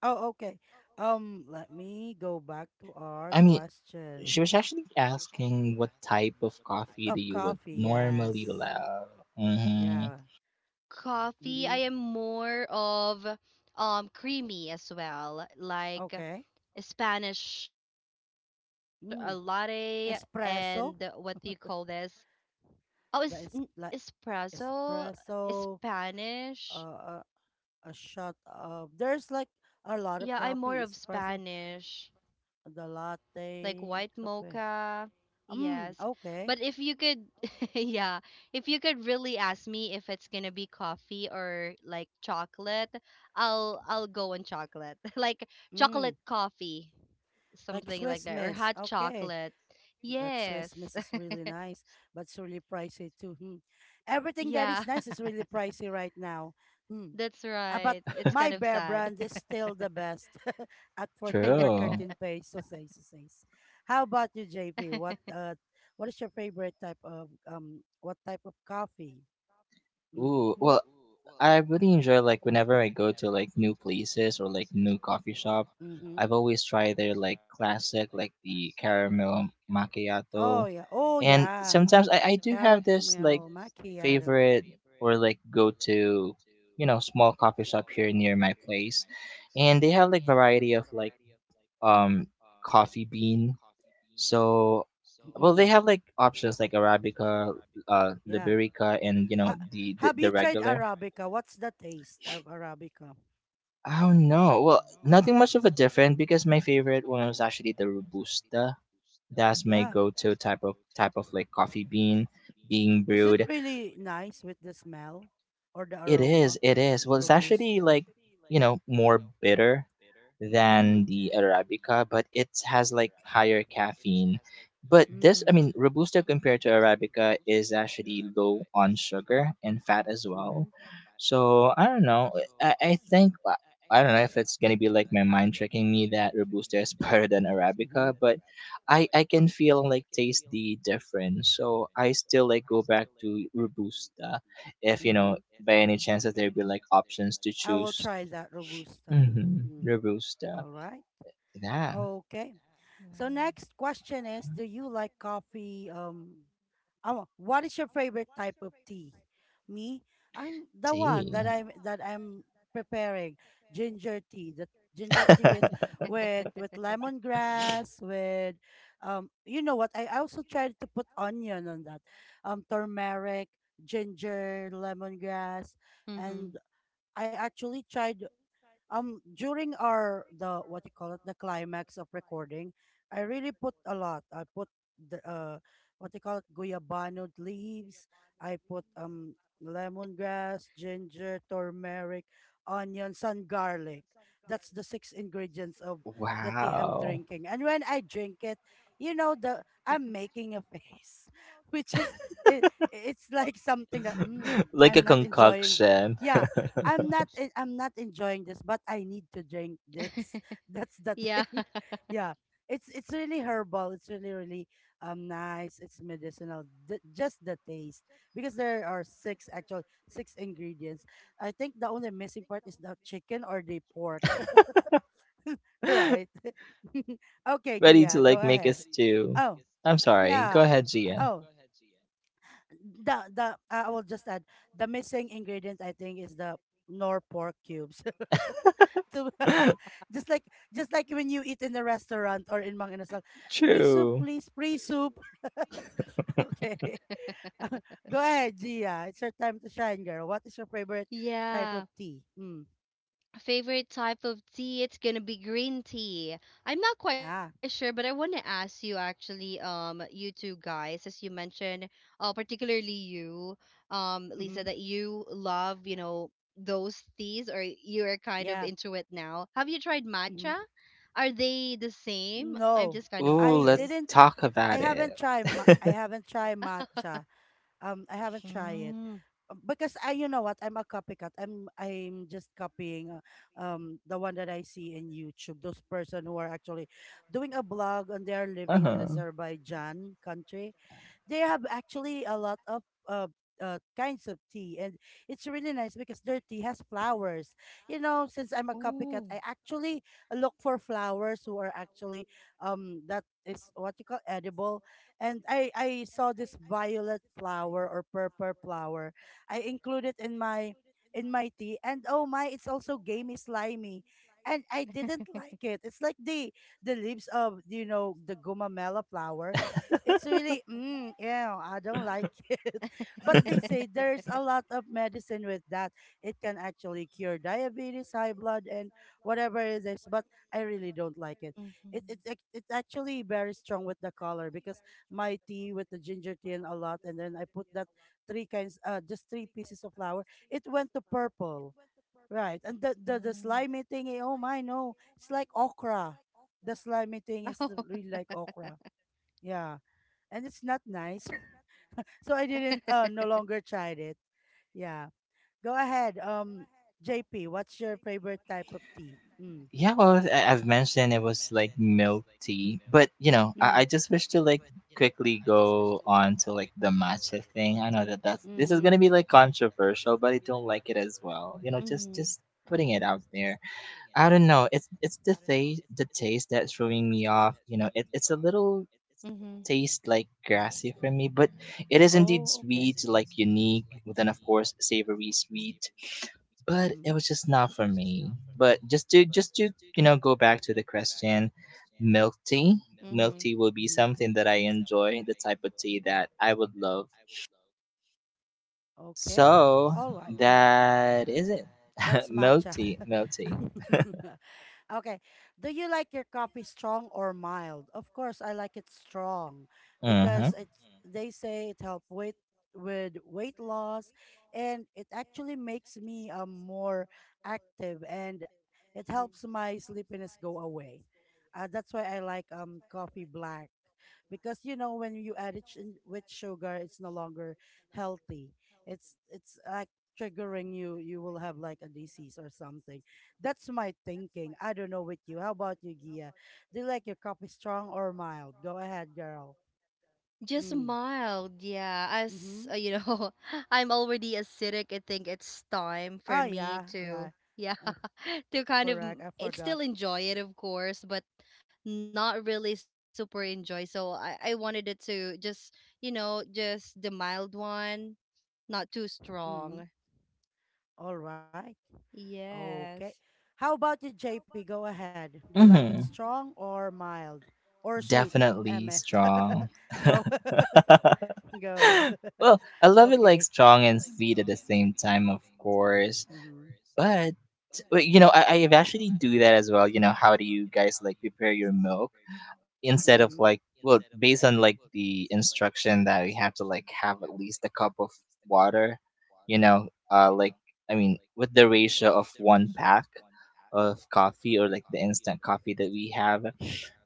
[SPEAKER 1] Oh, okay. Let me go back to our
[SPEAKER 3] I mean,
[SPEAKER 1] question
[SPEAKER 3] she was actually asking what type of coffee
[SPEAKER 1] of
[SPEAKER 3] that you would
[SPEAKER 1] coffee.
[SPEAKER 3] normally
[SPEAKER 1] Yes.
[SPEAKER 3] love. Hmm.
[SPEAKER 1] Yeah.
[SPEAKER 2] Coffee, I
[SPEAKER 1] Mm-hmm.
[SPEAKER 2] am more of creamy as well, like
[SPEAKER 1] Okay.
[SPEAKER 2] Spanish, latte,
[SPEAKER 1] Mm.
[SPEAKER 2] and what do you call
[SPEAKER 1] Espresso.
[SPEAKER 2] this? Oh, is
[SPEAKER 1] The is like
[SPEAKER 2] espresso,
[SPEAKER 1] espresso,
[SPEAKER 2] Spanish.
[SPEAKER 1] uh, a, a shot of. There's like a
[SPEAKER 2] Yeah, I'm
[SPEAKER 1] lot of
[SPEAKER 2] more of
[SPEAKER 1] coffee. Espresso,
[SPEAKER 2] Spanish, like
[SPEAKER 1] the
[SPEAKER 2] white
[SPEAKER 1] latte,
[SPEAKER 2] mocha.
[SPEAKER 1] cafe.
[SPEAKER 2] Yes.
[SPEAKER 1] Mm,
[SPEAKER 2] But if you
[SPEAKER 1] okay.
[SPEAKER 2] could, yeah, if you could really ask me if it's gonna be coffee or like chocolate, I'll go on chocolate. Like chocolate
[SPEAKER 1] Mm,
[SPEAKER 2] coffee, something like
[SPEAKER 1] like
[SPEAKER 2] that, or
[SPEAKER 1] Swiss
[SPEAKER 2] hot
[SPEAKER 1] Miss.
[SPEAKER 2] chocolate.
[SPEAKER 1] Okay. That
[SPEAKER 2] Yes.
[SPEAKER 1] Swiss miss is really nice, but it's really pricey too. Hmm. Everything that
[SPEAKER 2] Yeah.
[SPEAKER 1] is nice is really pricey right now. Hmm.
[SPEAKER 2] That's
[SPEAKER 1] Ah, but
[SPEAKER 2] right. It's kind
[SPEAKER 1] my
[SPEAKER 2] of
[SPEAKER 1] bear
[SPEAKER 2] sad.
[SPEAKER 1] brand is still the best at 14 or
[SPEAKER 3] True.
[SPEAKER 1] 13 pesos. Eh, so says. How about you, JP? What is your favorite type of what type of coffee?
[SPEAKER 3] Ooh,
[SPEAKER 1] Mm-hmm.
[SPEAKER 3] well, I really enjoy like whenever I go to like new places or like new coffee shop,
[SPEAKER 1] Mm-hmm.
[SPEAKER 3] I've always tried their like classic like the caramel
[SPEAKER 1] Oh
[SPEAKER 3] macchiato,
[SPEAKER 1] yeah. Oh
[SPEAKER 3] and
[SPEAKER 1] yeah.
[SPEAKER 3] sometimes I do have this like
[SPEAKER 1] Caramel macchiato.
[SPEAKER 3] favorite or like go to you know, small coffee shop here near my place, and they have like variety of like um coffee bean. So well they
[SPEAKER 1] Mm-hmm.
[SPEAKER 3] have like options like arabica, uh,
[SPEAKER 1] Yeah.
[SPEAKER 3] liberica, and you know
[SPEAKER 1] Ha,
[SPEAKER 3] the the,
[SPEAKER 1] have
[SPEAKER 3] the
[SPEAKER 1] you tried
[SPEAKER 3] regular.
[SPEAKER 1] Arabica? What's the taste of Arabica?
[SPEAKER 3] Oh no. Well, nothing much of a different because my favorite one was actually the robusta. That's my
[SPEAKER 1] Yeah.
[SPEAKER 3] go-to type of like coffee bean being
[SPEAKER 1] Is it
[SPEAKER 3] brewed.
[SPEAKER 1] really nice with the smell or the
[SPEAKER 3] It is,
[SPEAKER 1] aroma?
[SPEAKER 3] it is. Well, it's actually
[SPEAKER 1] Robusta.
[SPEAKER 3] like, you know, more bitter than
[SPEAKER 1] Mm.
[SPEAKER 3] the Arabica, but it has like higher caffeine. But this, I
[SPEAKER 1] Mm.
[SPEAKER 3] mean, Robusta compared to Arabica is actually low on sugar and fat as well.
[SPEAKER 1] Mm-hmm.
[SPEAKER 3] So I don't know. I think, I don't know if it's going to be like my mind tricking me that Robusta is better than
[SPEAKER 1] Mm-hmm.
[SPEAKER 3] Arabica, but I can feel like taste the difference. So I still like go back to Robusta if you
[SPEAKER 1] Mm-hmm.
[SPEAKER 3] know by any chance that there be like options to
[SPEAKER 1] I will
[SPEAKER 3] choose?
[SPEAKER 1] try that Robusta.
[SPEAKER 3] Mm-hmm.
[SPEAKER 1] Mm.
[SPEAKER 3] Robusta.
[SPEAKER 1] All right.
[SPEAKER 3] Yeah.
[SPEAKER 1] Okay. So next question is, do you like coffee? Oh, what is your favorite type of tea? Me,
[SPEAKER 3] Tea.
[SPEAKER 1] I'm preparing ginger tea. The ginger tea is with lemongrass with you know what, I also tried to put onion on that. Turmeric, ginger, lemongrass, and
[SPEAKER 2] Mhm.
[SPEAKER 1] I actually tried during our the what you call it, the climax of recording, I really put a lot. I put the what you call it, guayabano leaves. I put lemongrass, ginger, turmeric, onions, and garlic. That's the six ingredients of the tea I'm
[SPEAKER 3] Wow.
[SPEAKER 1] drinking. And when I drink it, you know, the I'm making a face which is it's like something that
[SPEAKER 3] Like a
[SPEAKER 1] I'm not enjoying.
[SPEAKER 3] concoction.
[SPEAKER 1] Yeah. I'm not enjoying this, but I need to drink this. That's the
[SPEAKER 2] Yeah.
[SPEAKER 1] thing. Yeah. It's really herbal. It's really, really nice. It's medicinal. Just the taste, because there are six actual six ingredients. I think the only missing part is the chicken or the pork, right? Okay,
[SPEAKER 3] Ready to
[SPEAKER 1] Gia, go
[SPEAKER 3] like make a
[SPEAKER 1] ahead.
[SPEAKER 3] stew.
[SPEAKER 1] Oh,
[SPEAKER 3] I'm sorry. Go
[SPEAKER 1] yeah.
[SPEAKER 3] ahead, Gia.
[SPEAKER 1] Oh, the I will just add the missing ingredient. I think is the nor pork cubes. to just like just like when you eat in the restaurant or in Mang Inasal. Free soup,
[SPEAKER 3] True.
[SPEAKER 1] please, free soup. Okay. Go ahead, Gia. It's your time to shine, girl. What is your favorite type
[SPEAKER 2] Yeah.
[SPEAKER 1] of tea? Mm.
[SPEAKER 2] Favorite type of tea, it's gonna be green tea. I'm not quite sure,
[SPEAKER 1] Ah.
[SPEAKER 2] but I want to ask you actually, you two guys, as you mentioned, particularly you, Lisa,
[SPEAKER 1] Mm-hmm.
[SPEAKER 2] that you love, those teas, or you're kind of
[SPEAKER 1] Yeah.
[SPEAKER 2] into it now. Have you tried
[SPEAKER 1] Mm-hmm.
[SPEAKER 2] matcha? Are they the same? I'm just
[SPEAKER 1] No.
[SPEAKER 2] kind of
[SPEAKER 3] Ooh,
[SPEAKER 1] I
[SPEAKER 2] wondering.
[SPEAKER 3] let's
[SPEAKER 1] didn't
[SPEAKER 3] talk about it.
[SPEAKER 1] I haven't tried matcha. I haven't tried it.
[SPEAKER 2] Mm.
[SPEAKER 1] Because I, you know what, I'm a copycat. I'm just copying, the one that I see in YouTube. Those person who are actually doing a blog and they are
[SPEAKER 3] Uh
[SPEAKER 1] living in
[SPEAKER 3] huh.
[SPEAKER 1] Azerbaijan country, they have actually a lot of uh, kinds of tea, and it's really nice because their tea has flowers. You know, since I'm a copycat,
[SPEAKER 2] Oh.
[SPEAKER 1] I actually look for flowers who are actually that is what you call edible, and I saw this violet flower or purple flower. I include it in my tea, and oh my, it's also gamey slimy. And I didn't like it. It's like the leaves of, you know, the gumamela flower. It's really, yeah, I don't like it. But they say there's a lot of medicine with that. It can actually cure diabetes, high blood, and whatever it is. But I really don't like it.
[SPEAKER 2] Hmm.
[SPEAKER 1] It's actually very strong with the color, because my tea with the ginger tea and a lot, and then I put that three kinds, just three pieces of flour. It went to purple, right? And
[SPEAKER 2] Right.
[SPEAKER 1] the
[SPEAKER 2] Mm.
[SPEAKER 1] slimy thingy. Oh my, no, it's like okra. The slimy
[SPEAKER 2] No.
[SPEAKER 1] thing
[SPEAKER 2] Oh.
[SPEAKER 1] is
[SPEAKER 2] So yeah.
[SPEAKER 1] really like okra. Yeah, and it's not nice. So I didn't, uh, no longer tried it. Yeah. Go ahead. JP, what's your favorite type of tea? Mm.
[SPEAKER 3] Yeah, well, I- I've mentioned it was like milk tea, but you know, I
[SPEAKER 1] Mhm.
[SPEAKER 3] just wish to like quickly go on to like the matcha thing. I know that that's this is
[SPEAKER 1] Mhm.
[SPEAKER 3] gonna be like controversial, but I don't like it as well.
[SPEAKER 2] Mm-hmm.
[SPEAKER 3] You know, just putting it out there. I don't know. It's the taste that's throwing me off. You know, it, it's a little taste like grassy for me, but it is indeed
[SPEAKER 1] Oh, okay.
[SPEAKER 3] sweet, like unique. But then, of course, savory sweet. But
[SPEAKER 1] Mhm.
[SPEAKER 3] it was just not for me. But just to you know go back to the question, milk tea.
[SPEAKER 2] Mm-hmm.
[SPEAKER 3] Milk tea will be
[SPEAKER 1] Mhm.
[SPEAKER 3] something that I enjoy, the type of tea that I would love.
[SPEAKER 1] Okay.
[SPEAKER 3] So
[SPEAKER 1] All right.
[SPEAKER 3] that is it.
[SPEAKER 1] That's
[SPEAKER 3] Milk
[SPEAKER 1] matcha.
[SPEAKER 3] tea, milk tea.
[SPEAKER 1] Okay. Do you like your coffee strong or mild? Of course, I like it strong
[SPEAKER 3] Mm-hmm.
[SPEAKER 1] because it's, they say it help weight with weight loss, and it actually makes me more active, and it helps my sleepiness go away. That's why I like coffee black, because, you know, when you add it with sugar, it's no longer healthy. It's like triggering you. You will have like a disease or something. That's my thinking. I don't know with you. How about you, Gia? Do you like your coffee strong or mild? Go ahead, girl.
[SPEAKER 2] Just
[SPEAKER 1] Mm.
[SPEAKER 2] mild, yeah. As,
[SPEAKER 1] Mm-hmm.
[SPEAKER 2] I'm already acidic. I think it's time for
[SPEAKER 1] Oh,
[SPEAKER 2] me
[SPEAKER 1] yeah,
[SPEAKER 2] to,
[SPEAKER 1] yeah.
[SPEAKER 2] yeah,
[SPEAKER 1] Uh,
[SPEAKER 2] to kind of
[SPEAKER 1] Correct, I
[SPEAKER 2] it
[SPEAKER 1] forgot.
[SPEAKER 2] still enjoy it, of course, but not really super enjoy. So I wanted it to just, you know, just the mild one, not too
[SPEAKER 1] Mm-hmm.
[SPEAKER 2] strong.
[SPEAKER 1] All right. Okay.
[SPEAKER 2] Yes.
[SPEAKER 1] How about you, JP? Go ahead. Do you like it
[SPEAKER 3] Mm-hmm.
[SPEAKER 1] strong or mild or sweet? Emma,
[SPEAKER 3] Definitely strong.
[SPEAKER 1] go, go.
[SPEAKER 3] Well, I love it
[SPEAKER 1] Okay.
[SPEAKER 3] like strong and sweet at the same time, of course.
[SPEAKER 1] Mm-hmm.
[SPEAKER 3] But but, you know, I I've actually do that as well. You know, how do you guys like prepare your milk instead of
[SPEAKER 1] Mm-hmm.
[SPEAKER 3] like well, based on like the instruction that we have to like have at least a cup of water. You know, like I mean, with the ratio of one pack of coffee or like the instant coffee that we have.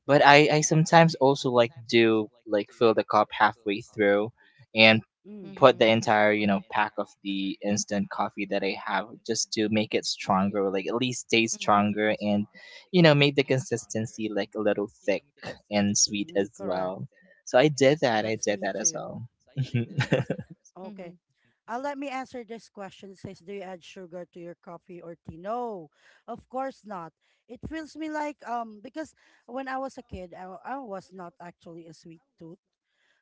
[SPEAKER 3] But I sometimes also like do like fill the cup halfway through and
[SPEAKER 1] Mm,
[SPEAKER 3] put the
[SPEAKER 2] Yeah.
[SPEAKER 3] entire you know pack of the instant coffee that I have just to make it stronger like at least stay stronger and you know make the consistency like a little thick and sweet
[SPEAKER 1] mm,
[SPEAKER 3] as
[SPEAKER 1] correct.
[SPEAKER 3] well. So i did that i
[SPEAKER 1] That's
[SPEAKER 3] did
[SPEAKER 1] me
[SPEAKER 3] that as
[SPEAKER 1] too.
[SPEAKER 3] well.
[SPEAKER 2] Well.
[SPEAKER 1] Okay. Let me answer this question. It says, do you add sugar to your coffee or tea? No, of course not. It feels me like, because when I was a kid, I, I was not actually a sweet tooth.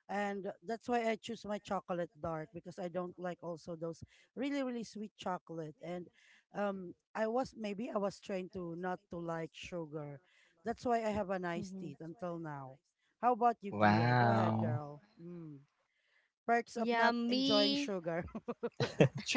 [SPEAKER 1] And that's why I choose my chocolate dark, because I don't like also those really, really sweet chocolate. And I was, maybe I was trained to not to like sugar. That's why I have a nice teeth
[SPEAKER 2] Mm-hmm.
[SPEAKER 1] until now. How about you, Gia? Go ahead,
[SPEAKER 3] Wow.
[SPEAKER 1] girl. Mm, perks of not enjoying sugar.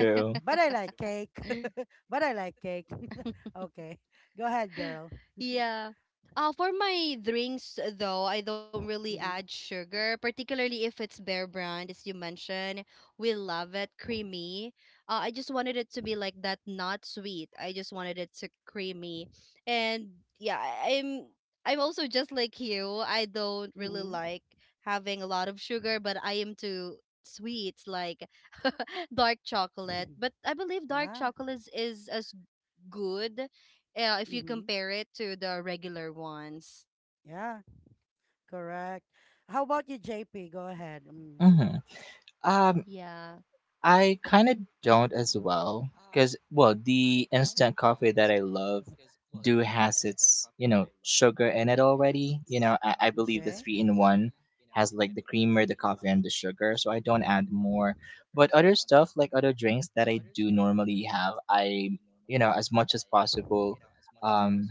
[SPEAKER 2] Mm-hmm.
[SPEAKER 1] But I like cake.
[SPEAKER 2] Yummy.
[SPEAKER 1] But I like cake. Okay. Go ahead, girl.
[SPEAKER 2] Yeah. For my drinks, though, I don't really add
[SPEAKER 1] Mm-hmm.
[SPEAKER 2] sugar, particularly if it's Bear Brand, as you mentioned. We love it creamy. I just wanted it to be like that, not sweet. I just wanted it to creamy, and yeah, I'm also just like you. I don't really
[SPEAKER 1] Mm-hmm.
[SPEAKER 2] like having a lot of sugar, but I am too sweets, like dark chocolate.
[SPEAKER 1] Hmm.
[SPEAKER 2] But I believe dark
[SPEAKER 1] Yeah.
[SPEAKER 2] chocolate is as good, if you
[SPEAKER 1] Mm-hmm.
[SPEAKER 2] compare it to the regular ones.
[SPEAKER 1] Yeah. Correct. How about you,
[SPEAKER 2] Yeah.
[SPEAKER 1] JP? Go ahead. Mm.
[SPEAKER 3] Hmm. um I kind of don't as well because well the instant coffee that I love do has its you know sugar in it already. You know, I believe the
[SPEAKER 1] Okay.
[SPEAKER 3] three in one has like the creamer, the coffee, and the sugar, so I don't add more. But other stuff like other drinks that I do normally have, I you know as much as possible, um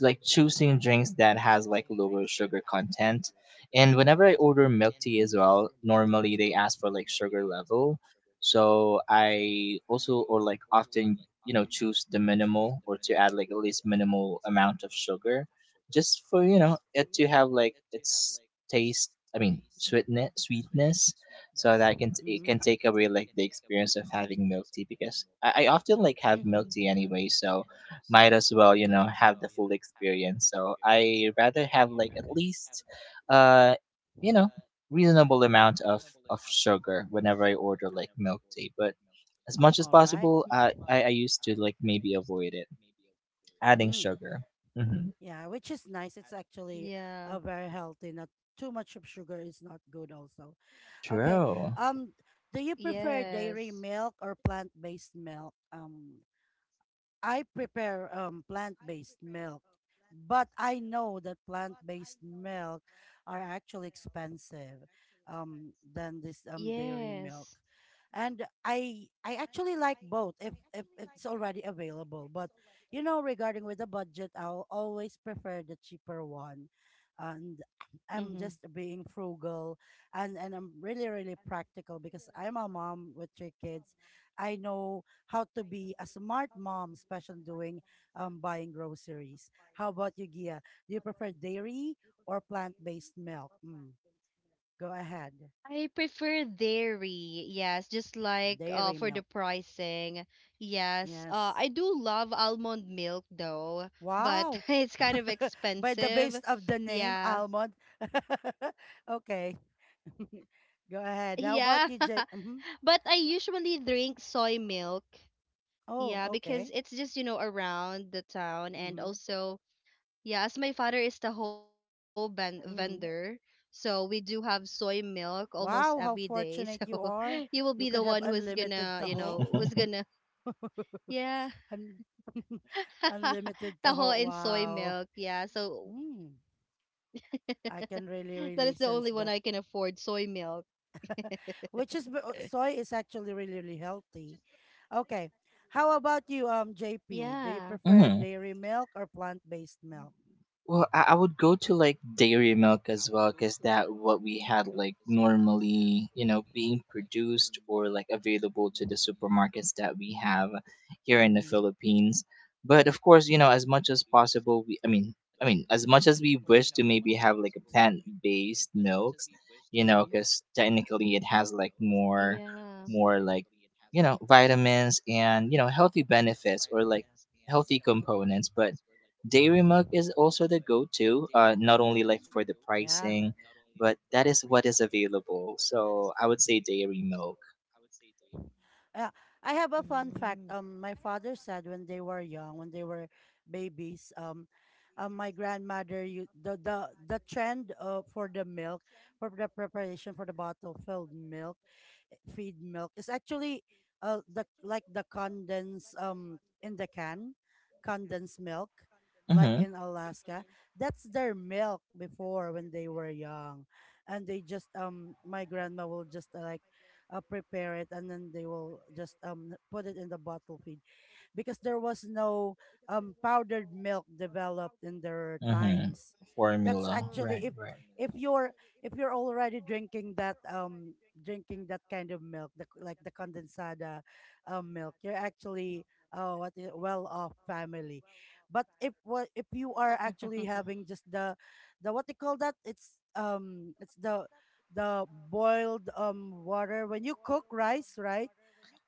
[SPEAKER 3] like choosing drinks that has like lower sugar content. And whenever I order milk tea as well, normally they ask for like sugar level. So I also or like often you know choose the minimal or to add like at least minimal amount of sugar just for you know it to have like its taste. I mean sweetness so that I can t- it can
[SPEAKER 1] Mm-hmm.
[SPEAKER 3] take away like the experience of having milk tea because I often like have milk
[SPEAKER 2] Mm-hmm.
[SPEAKER 3] tea anyway, so might as well you know have the full experience. So I rather have like at least uh you know reasonable amount of sugar whenever I order like milk tea. But as much as
[SPEAKER 1] All right.
[SPEAKER 3] possible I used to like maybe avoid it adding
[SPEAKER 1] Mm.
[SPEAKER 3] sugar. Hmm.
[SPEAKER 1] Yeah, which is nice. It's
[SPEAKER 2] Yeah. Right?
[SPEAKER 1] actually very healthy. Not too much of sugar is not good also. Okay.
[SPEAKER 3] True.
[SPEAKER 1] Um, do you prefer
[SPEAKER 2] Yes.
[SPEAKER 1] dairy milk or plant-based milk? I prepare plant-based milk, but I know that plant-based milk are actually expensive than this dairy
[SPEAKER 2] Yes.
[SPEAKER 1] milk. And I actually like both if it's already available. But, you know, regarding with the budget, I'll always prefer the cheaper one. And I'm
[SPEAKER 2] Mm-hmm.
[SPEAKER 1] just being frugal and I'm really, really practical, because I'm a mom with three kids. I know how to be a smart mom, especially doing buying groceries. How about you, Gia? Do you prefer dairy or plant-based milk? Mm, go ahead.
[SPEAKER 2] I prefer dairy. Yes, just like, uh,
[SPEAKER 1] Dairy
[SPEAKER 2] for the
[SPEAKER 1] milk.
[SPEAKER 2] pricing. Yes. Uh,
[SPEAKER 1] Yes.
[SPEAKER 2] I do love almond milk though, but
[SPEAKER 1] Wow.
[SPEAKER 2] it's kind of
[SPEAKER 1] By the base
[SPEAKER 2] expensive.
[SPEAKER 1] of the name,
[SPEAKER 2] Yeah.
[SPEAKER 1] almond. Okay.
[SPEAKER 2] Yes. Yeah.
[SPEAKER 1] Go ahead. How
[SPEAKER 2] But I
[SPEAKER 1] about you, Jay?
[SPEAKER 2] usually
[SPEAKER 1] Hmm.
[SPEAKER 2] drink soy milk. Yeah, because
[SPEAKER 1] Oh,
[SPEAKER 2] it's just,
[SPEAKER 1] okay.
[SPEAKER 2] you know, around the town. And
[SPEAKER 1] Mm-hmm.
[SPEAKER 2] also, yeah, as my father is the whole ban vendor,
[SPEAKER 1] Mm-hmm.
[SPEAKER 2] so we do have soy milk almost every
[SPEAKER 1] Wow,
[SPEAKER 2] day.
[SPEAKER 1] how
[SPEAKER 2] So
[SPEAKER 1] fortunate you
[SPEAKER 2] you will
[SPEAKER 1] are.
[SPEAKER 2] be the one
[SPEAKER 1] You
[SPEAKER 2] who's
[SPEAKER 1] can have
[SPEAKER 2] gonna,
[SPEAKER 1] unlimited taho.
[SPEAKER 2] yeah,
[SPEAKER 1] Un- unlimited
[SPEAKER 2] taho and
[SPEAKER 1] taho.
[SPEAKER 2] soy
[SPEAKER 1] Wow.
[SPEAKER 2] milk. Yeah, so
[SPEAKER 1] Mm. I can really, really
[SPEAKER 2] that is the
[SPEAKER 1] sense
[SPEAKER 2] only
[SPEAKER 1] that.
[SPEAKER 2] one I can afford, soy milk.
[SPEAKER 1] Which is soy is actually really, really healthy. Okay. How about you, JP? Do you prefer
[SPEAKER 3] Mhm.
[SPEAKER 2] Yeah,
[SPEAKER 1] dairy milk or plant-based milk?
[SPEAKER 3] Well, I would go to like dairy milk as well, because that what we had like normally, you know, being produced or like available to the supermarkets that we have here in the
[SPEAKER 1] Mm-hmm.
[SPEAKER 3] Philippines. But of course, you know, as much as possible, I mean, as much as we wish to maybe have like a plant-based milks, you know,
[SPEAKER 1] Mm-hmm.
[SPEAKER 3] because technically it has like more, more like,
[SPEAKER 2] yeah.
[SPEAKER 3] you know, vitamins and you know healthy benefits or like healthy components, but dairy milk is also the go-to, not only like for the
[SPEAKER 1] Yeah.
[SPEAKER 3] pricing, but that is what is available. So I would say dairy milk.
[SPEAKER 1] Uh, I have a fun fact. My father said
[SPEAKER 2] Mm.
[SPEAKER 1] when they were young, when they were babies, my grandmother, you the trend, for the milk for the preparation for the bottle filled milk feed milk is actually the, like, the condensed in the can, condensed milk like
[SPEAKER 3] Mm-hmm.
[SPEAKER 1] in Alaska. That's their milk before, when they were young, and they just my grandma will just like prepare it, and then they will just put it in the bottle feed, because there was no powdered milk developed in their
[SPEAKER 3] Mm-hmm.
[SPEAKER 1] times. That's
[SPEAKER 3] Formula. Right,
[SPEAKER 1] actually,
[SPEAKER 3] right.
[SPEAKER 1] if you're if you're already drinking that kind of milk, the, like the condensada milk, you're actually what is well off family. But if what if you are actually having just the what they call that? It's the boiled water when you cook rice, right?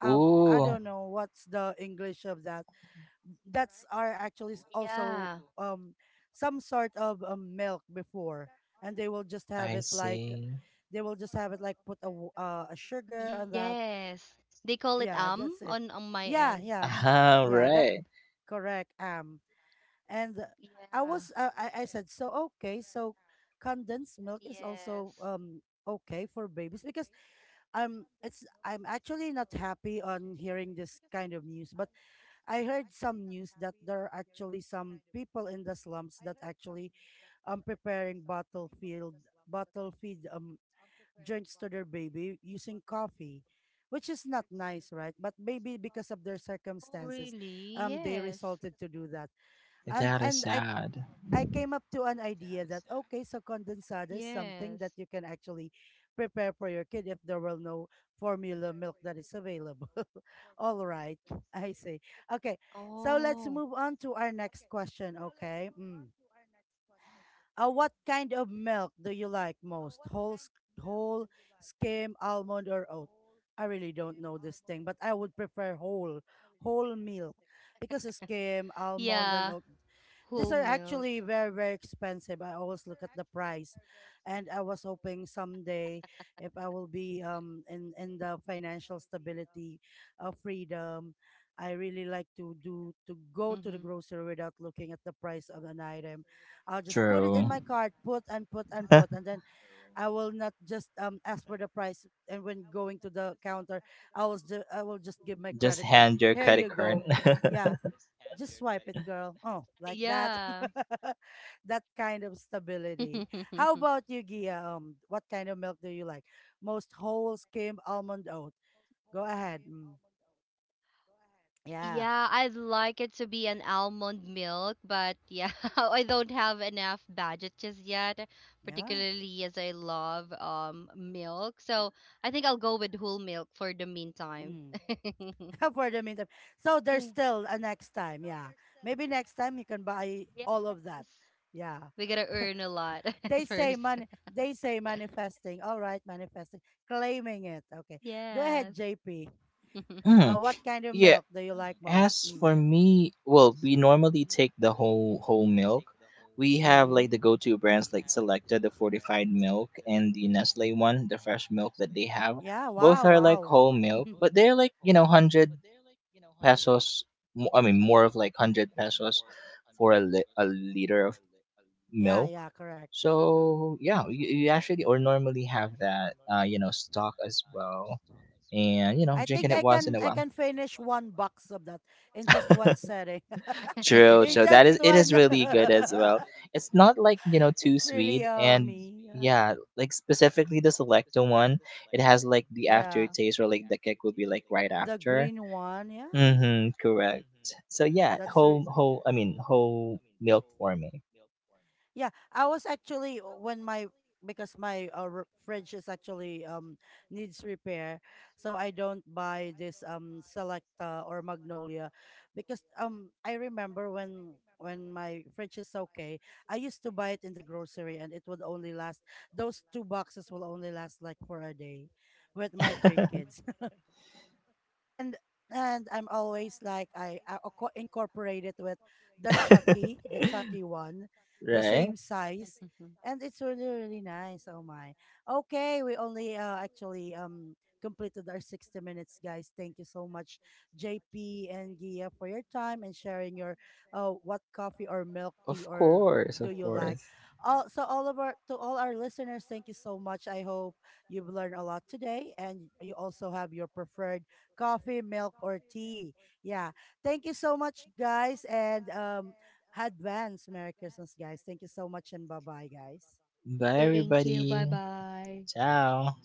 [SPEAKER 1] I
[SPEAKER 3] Ooh,
[SPEAKER 1] don't know what's the English of that.
[SPEAKER 2] Yeah.
[SPEAKER 1] That's are actually also um some sort of milk before, and they will just have
[SPEAKER 3] I
[SPEAKER 1] it like
[SPEAKER 3] see.
[SPEAKER 1] they will just have it like put a
[SPEAKER 2] Yes. They
[SPEAKER 1] a
[SPEAKER 2] call it
[SPEAKER 1] sugar on that.
[SPEAKER 2] on my end.
[SPEAKER 1] Yeah, that's it. Yeah, yeah.
[SPEAKER 3] Ah,
[SPEAKER 1] Yeah, that's
[SPEAKER 3] right.
[SPEAKER 1] correct.
[SPEAKER 2] Yeah.
[SPEAKER 1] And I was I said, so okay, so
[SPEAKER 2] Yes.
[SPEAKER 1] condensed milk is also okay for babies, because it's, I'm actually not happy on hearing this kind of news, but I heard some news that there are actually some people in the slums that actually preparing battlefield battlefield drinks to their baby using coffee, which is not nice, right? But maybe because of their
[SPEAKER 2] Oh, really?
[SPEAKER 1] circumstances,
[SPEAKER 2] Yes.
[SPEAKER 1] they resulted to do that. And
[SPEAKER 3] That is
[SPEAKER 1] and
[SPEAKER 3] sad.
[SPEAKER 1] I came up to an idea that, okay, so condensada is
[SPEAKER 2] Yes.
[SPEAKER 1] something that you can actually prepare for your kid if there were no formula milk that is available. All right, I see. Okay, so let's
[SPEAKER 2] Oh.
[SPEAKER 1] move on to our next question. Okay. Mm. What kind of milk do you like most? Whole, whole, skim, almond, or oat? I really don't know this thing, but I would prefer whole, whole milk, because a skim,
[SPEAKER 2] Yeah.
[SPEAKER 1] almond, and oat,
[SPEAKER 2] Whole
[SPEAKER 1] these are
[SPEAKER 2] milk.
[SPEAKER 1] actually very, very expensive. I always look at the price, and I was hoping someday if I will be in the financial stability of freedom. I really like to do to go to the
[SPEAKER 2] Mm-hmm.
[SPEAKER 1] grocery without looking at the price of an item. I'll just put it
[SPEAKER 3] True.
[SPEAKER 1] in my cart, put and put and put, and then I will not just ask for the price. And when going to the counter, I will just give my
[SPEAKER 3] Just
[SPEAKER 1] credit card.
[SPEAKER 3] hand your
[SPEAKER 1] Here
[SPEAKER 3] credit
[SPEAKER 1] you
[SPEAKER 3] card.
[SPEAKER 1] go. Yeah, just swipe it, girl. Oh, like that.
[SPEAKER 2] Yeah.
[SPEAKER 1] That kind of stability. How about you, Gia? What kind of milk do you like? Most whole skim almond oat. Go ahead. Mm. Yeah.
[SPEAKER 2] Yeah, I'd like it to be an almond milk, but yeah, I don't have enough budget just yet,
[SPEAKER 1] Yeah.
[SPEAKER 2] particularly as I love milk. So I think I'll go with whole milk for the meantime.
[SPEAKER 1] Mm. For the meantime. So there's still a next time. Yeah. Maybe next time you can buy
[SPEAKER 2] Yes.
[SPEAKER 1] all of that. Yeah.
[SPEAKER 2] We gotta earn a lot
[SPEAKER 1] They say
[SPEAKER 2] first.
[SPEAKER 1] money, they say manifesting. All right, manifesting. Claiming it. Okay. Go
[SPEAKER 2] Yes.
[SPEAKER 1] ahead, JP. Uh,
[SPEAKER 3] Mm.
[SPEAKER 1] what kind of
[SPEAKER 3] Yeah,
[SPEAKER 1] milk do you like most?
[SPEAKER 3] as for
[SPEAKER 1] Mm.
[SPEAKER 3] me, well, we normally take the whole milk. We have like
[SPEAKER 1] Mhm.
[SPEAKER 3] the go-to brands like Selecta, the fortified milk, and the Nestle one, the fresh milk that they have.
[SPEAKER 1] Yeah,
[SPEAKER 3] Both
[SPEAKER 1] wow,
[SPEAKER 3] are like
[SPEAKER 1] wow.
[SPEAKER 3] whole milk, but they're like you know 100 pesos. More of like 100 pesos for a a liter of
[SPEAKER 1] Yeah,
[SPEAKER 3] milk.
[SPEAKER 1] yeah, correct.
[SPEAKER 3] So yeah, you actually or normally have that you know stock as well, and you know
[SPEAKER 1] I
[SPEAKER 3] drinking
[SPEAKER 1] think
[SPEAKER 3] it once in a
[SPEAKER 1] I
[SPEAKER 3] while.
[SPEAKER 1] can finish one box of that in just one setting.
[SPEAKER 3] True,
[SPEAKER 1] In
[SPEAKER 3] so that
[SPEAKER 1] just
[SPEAKER 3] is it
[SPEAKER 1] one.
[SPEAKER 3] is really good as well. It's not like, you know, too
[SPEAKER 1] It's really
[SPEAKER 3] sweet, and
[SPEAKER 1] yummy. Yeah.
[SPEAKER 3] yeah, like specifically the selecto one, it has like the
[SPEAKER 1] Yeah.
[SPEAKER 3] aftertaste or like the kick will be like right
[SPEAKER 1] The
[SPEAKER 3] after.
[SPEAKER 1] green one, yeah.
[SPEAKER 3] Mm-hmm, correct. So yeah,
[SPEAKER 1] That's re-
[SPEAKER 3] whole whole I mean whole milk for me.
[SPEAKER 1] yeah. I was actually when my because my fridge is actually needs repair, so I don't buy this Selecta or Magnolia, because I remember when my fridge is okay, I used to buy it in the grocery, and it would only last those two boxes will only last like for a day, with my three kids. and and I'm always like I incorporate it with the Chucky one, the
[SPEAKER 3] Right?
[SPEAKER 1] same size, and it's really really nice. Oh my. Okay, we only actually completed our 60 minutes, guys. Thank you so much, JP and Gia, for your time and sharing your uh, what coffee or milk tea
[SPEAKER 3] Of
[SPEAKER 1] or
[SPEAKER 3] course,
[SPEAKER 1] do
[SPEAKER 3] of
[SPEAKER 1] you like.
[SPEAKER 3] course.
[SPEAKER 1] All, so all of our, to all our listeners, thank you so much. I hope you've learned a lot today, and you also have your preferred coffee, milk, or tea. Yeah. Thank you so much, guys. And advance Merry Christmas, guys. Thank you so much, and bye bye, guys.
[SPEAKER 3] Bye
[SPEAKER 2] Thank
[SPEAKER 3] everybody.
[SPEAKER 2] you. Bye bye.
[SPEAKER 3] Ciao.